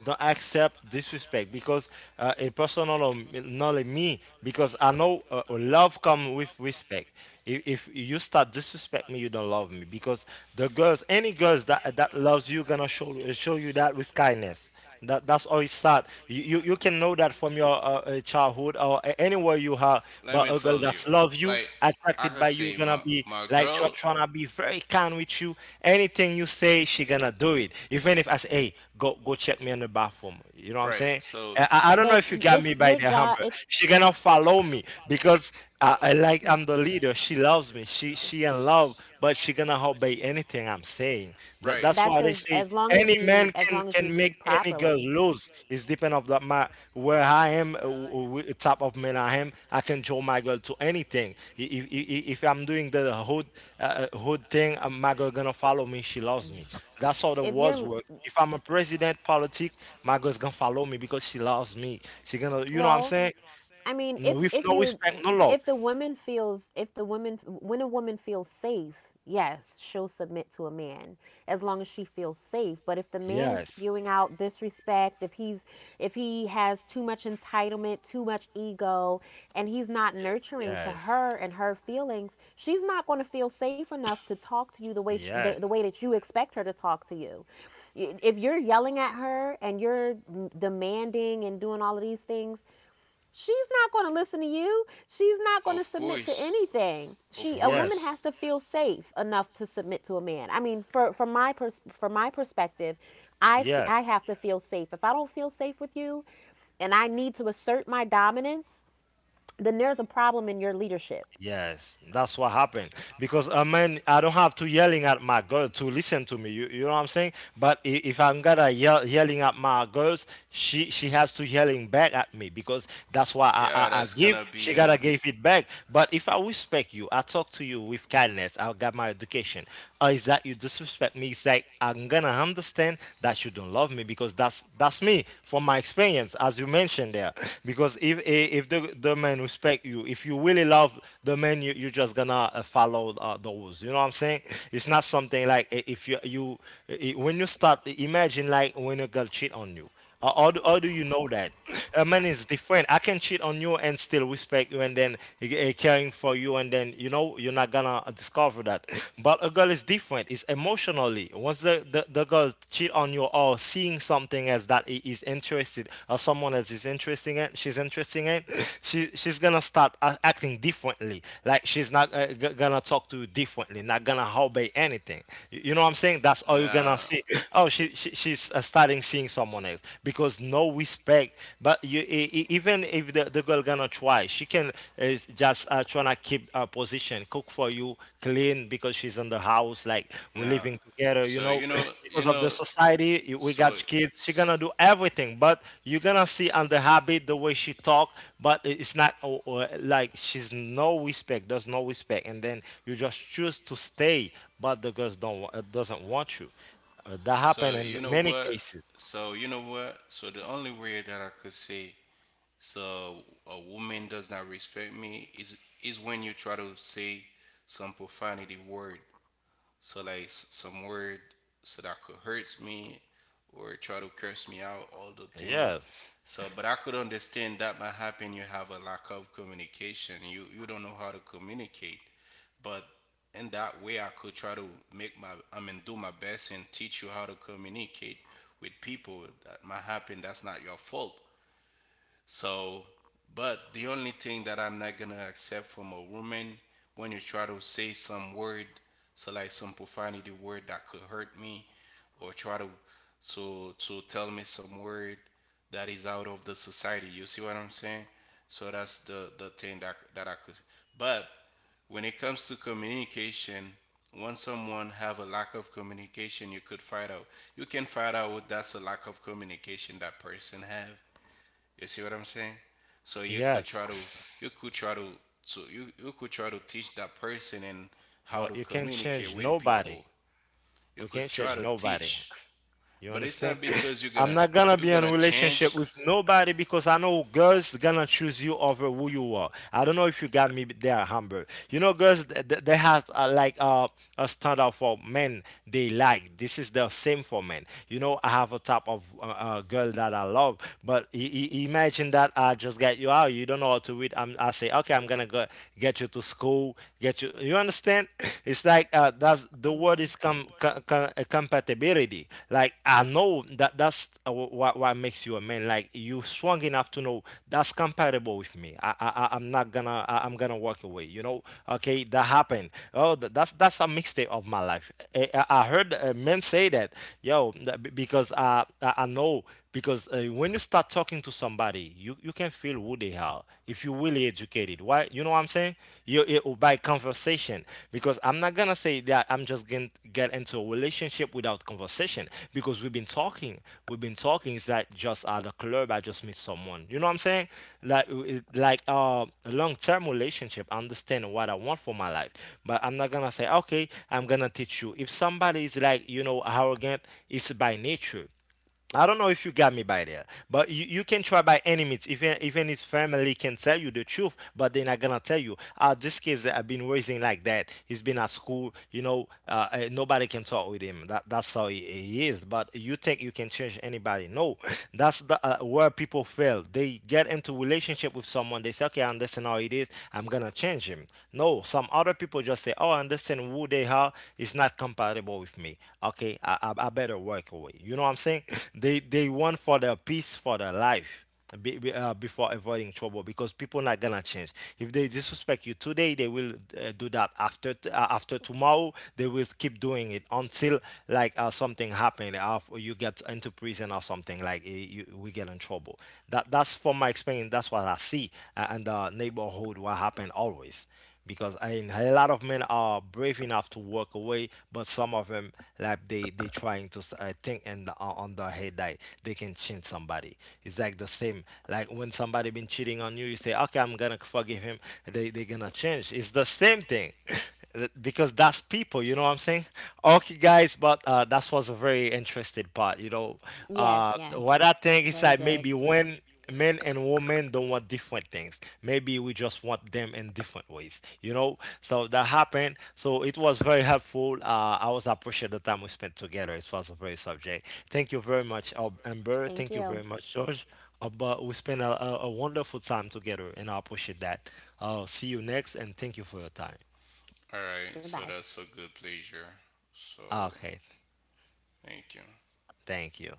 [SPEAKER 1] don't accept disrespect because a person or not like me, because I know love come with respect. If, if you start disrespect me, you don't love me because the girls, any girls that loves you, gonna show you that with kindness. That's always sad. You can know that from your childhood or anywhere you have,
[SPEAKER 3] Let
[SPEAKER 1] but
[SPEAKER 3] me
[SPEAKER 1] a girl
[SPEAKER 3] tell,
[SPEAKER 1] that love you, attracted by you,
[SPEAKER 3] say
[SPEAKER 1] gonna
[SPEAKER 3] my
[SPEAKER 1] be
[SPEAKER 3] my
[SPEAKER 1] like
[SPEAKER 3] girl,
[SPEAKER 1] trying to be very kind with you. Anything you say, she gonna do it. Even if I say, hey, go check me in the bathroom. You know what I'm
[SPEAKER 3] right?
[SPEAKER 1] saying?
[SPEAKER 3] So
[SPEAKER 1] I don't know if you got me by the hammer. She gonna follow me because I
[SPEAKER 2] Mm.
[SPEAKER 1] like I'm the leader. She loves me. She in love, but she gonna obey anything I'm saying. That
[SPEAKER 3] right,
[SPEAKER 1] that's
[SPEAKER 2] That's
[SPEAKER 3] that's,
[SPEAKER 1] why they say
[SPEAKER 2] as
[SPEAKER 1] any man can make any girl lose. It's depend of the my where I am, type of man I am. I can draw my girl to anything. If I'm doing the hood hood thing, my girl gonna follow me. She loves me. That's how the
[SPEAKER 2] If
[SPEAKER 1] words
[SPEAKER 2] you're
[SPEAKER 1] work. If I'm a president politic, my girl's gonna follow me because she loves me. She gonna, you know what I'm
[SPEAKER 2] Well,
[SPEAKER 1] saying?
[SPEAKER 2] I mean,
[SPEAKER 1] No, with
[SPEAKER 2] if
[SPEAKER 1] no
[SPEAKER 2] you're
[SPEAKER 1] respect, no love.
[SPEAKER 2] if the woman feels, if the woman when a woman feels safe, yes, she'll submit to a man as long as she feels safe. But if the man is
[SPEAKER 1] Yes.
[SPEAKER 2] spewing out disrespect, if he has too much entitlement, too much ego, and he's not nurturing to
[SPEAKER 1] Yes.
[SPEAKER 2] her and her feelings, she's not going to feel safe enough to talk to you the way the
[SPEAKER 1] Yes.
[SPEAKER 2] way that you expect her to talk to you. If you're yelling at her and you're demanding and doing all of these things, she's not going to listen to you. She's not going to
[SPEAKER 3] of
[SPEAKER 2] submit to
[SPEAKER 3] course,
[SPEAKER 2] anything. She
[SPEAKER 3] of
[SPEAKER 2] A woman
[SPEAKER 1] Yes.
[SPEAKER 2] has
[SPEAKER 3] course,
[SPEAKER 2] to feel safe enough to submit to a man. I mean, for from my pers- from my perspective,
[SPEAKER 1] Yes.
[SPEAKER 2] I have to feel safe. If I don't feel safe with you and I need to assert my dominance, then there's a problem in your leadership.
[SPEAKER 1] Yes, that's what happened. Because I mean, I don't have to yelling at my girl to listen to me. You know what I'm saying? But if I'm gonna yelling at my girls, she has to yelling back at me because that's why I give.
[SPEAKER 3] be
[SPEAKER 1] She
[SPEAKER 3] a. a.
[SPEAKER 1] gotta give it back. But if I respect you, I talk to you with kindness. I got my education. Or is that you disrespect me? It's like I'm gonna understand that you don't love me because that's me from my experience, as you mentioned there. Because if the man respect you, if you really love the man, you're just gonna follow the rules. You know what I'm saying? It's not something like I- if you you I- when you start imagine like when a girl cheat on you. How do you know that? A man is different. I can cheat on you and still respect you and then caring for you and then you're not gonna discover that. But a girl is different. It's emotionally. Once the girl cheat on you or seeing something as that he is interested or someone else is interesting in, she's interesting in, she's gonna start acting differently. Like she's not gonna talk to you differently. Not gonna obey anything. You know what I'm saying? That's all you're gonna see. Oh, she's starting seeing someone else because no respect. But you, even if the girl gonna try, she can is just trying to keep a position, cook for you, clean because she's in the house. Like
[SPEAKER 3] Nah.
[SPEAKER 1] we're
[SPEAKER 3] No.
[SPEAKER 1] living together,
[SPEAKER 3] So,
[SPEAKER 1] because of the society. We
[SPEAKER 3] so
[SPEAKER 1] got kids. She gonna do everything, but you're gonna see on the habit the way she talk. But it's not like she's no respect. There's no respect, and then you just choose to stay, but the girls don't wa- doesn't want you. That happened
[SPEAKER 3] so
[SPEAKER 1] in
[SPEAKER 3] you know
[SPEAKER 1] many
[SPEAKER 3] what?
[SPEAKER 1] cases.
[SPEAKER 3] So you know what? So the only way that I could say, so a woman does not respect me is when you try to say some profanity word. So like some word, so that could hurt me, or try to curse me out, all the thing.
[SPEAKER 1] Yes,
[SPEAKER 3] So, but I could understand, that might happen you have a lack of communication. You don't know how to communicate, but in that way I could try to make my I mean do my best and teach you how to communicate with people, that might happen, that's not your fault. So but the only thing that I'm not gonna accept from a woman, when you try to say some word, so like some profanity word, that could hurt me, or try to tell me some word that is out of the society. You see what I'm saying? So that's the thing that I could, but when it comes to communication, once someone have a lack of communication, you can find out what that's a lack of communication that person have. You see what I'm saying? So you could
[SPEAKER 1] yes,
[SPEAKER 3] try to you could try to so you could try to teach that person and how
[SPEAKER 1] but
[SPEAKER 3] to
[SPEAKER 1] you can't
[SPEAKER 3] communicate
[SPEAKER 1] change
[SPEAKER 3] with
[SPEAKER 1] nobody.
[SPEAKER 3] people. You
[SPEAKER 1] We
[SPEAKER 3] could
[SPEAKER 1] can't
[SPEAKER 3] try
[SPEAKER 1] change
[SPEAKER 3] to
[SPEAKER 1] nobody.
[SPEAKER 3] teach,
[SPEAKER 1] You
[SPEAKER 3] but it's
[SPEAKER 1] understand?
[SPEAKER 3] not because you're
[SPEAKER 1] I'm
[SPEAKER 3] gonna
[SPEAKER 1] not gonna
[SPEAKER 3] you're
[SPEAKER 1] be in a
[SPEAKER 3] gonna
[SPEAKER 1] relationship
[SPEAKER 3] change.
[SPEAKER 1] with nobody because I know girls gonna choose you over who you are. I don't know if you got me there, Humber. You know, girls they has like a standard for men they like. This is the same for men. You know, I have a type of girl that I love, but imagine that I just get you out. You don't know how to read. I say, okay, I'm gonna go get you to school, get you. You understand? It's like that's the word
[SPEAKER 2] That's
[SPEAKER 1] is compatibility. Like I know that that's what makes you a man. Like you strong enough to know that's compatible with me. I'm not gonna. I'm gonna walk away. You know, okay, that happened. Oh, that's a mixtape of my life. I heard men say that, yo, because I know because when you start talking to somebody you can feel who they are if you really educated why you know what I'm saying, you it, by conversation, because I'm not gonna say that I'm just gonna get into a relationship without conversation, because we've been talking, is that just at a club I just meet someone, you know what I'm saying, like a long-term relationship. I understand what I want for my life, but I'm not gonna say okay I'm gonna teach you if somebody is like, you know, arrogant. It's by nature. I don't know if you got me by there, but you can try by any means. Even his family can tell you the truth, but they're not gonna tell you. This kid I have been raising like that. He's been at school, you know. Nobody can talk with him. That's how he is. But you think you can change anybody? No, that's the where people fail. They get into relationship with someone. They say, okay, I understand how it is. I'm gonna change him. No, some other people just say, oh, I understand person who they are is not compatible with me. Okay, I better walk away. You know what I'm saying? They want for their peace for their life. Before avoiding trouble, because people not gonna change. If they disrespect you today, they will do that after after tomorrow. They will keep doing it until like something happen, you get into prison or something like we get in trouble. That that's from my experience, that's what I see, and the neighborhood what happen always, because I a lot of men are brave enough to walk away, but some of them, like they trying to think and on their head that they can change somebody. It's like the same like when somebody been cheating on you, you say okay I'm gonna forgive him. They gonna change. It's the same thing. Because that's people, you know what I'm saying. Okay guys, but that was a very interesting part, you know.
[SPEAKER 2] Yes, yes.
[SPEAKER 1] What I think is
[SPEAKER 2] Very
[SPEAKER 1] like
[SPEAKER 2] good.
[SPEAKER 1] maybe when men and women don't want different things, maybe we just want them in different ways, you know. So that happened, so it was very helpful. I was appreciate the time we spent together. It was a very subject. Thank you very much, amber.
[SPEAKER 2] Thank
[SPEAKER 1] Thank you
[SPEAKER 2] you.
[SPEAKER 1] very much, george. But we spent a wonderful time together and I appreciate that. See you next, and thank you for your time.
[SPEAKER 3] All right, so
[SPEAKER 2] Goodbye.
[SPEAKER 3] that's a good pleasure. So
[SPEAKER 1] Okay,
[SPEAKER 3] thank you.
[SPEAKER 1] thank you.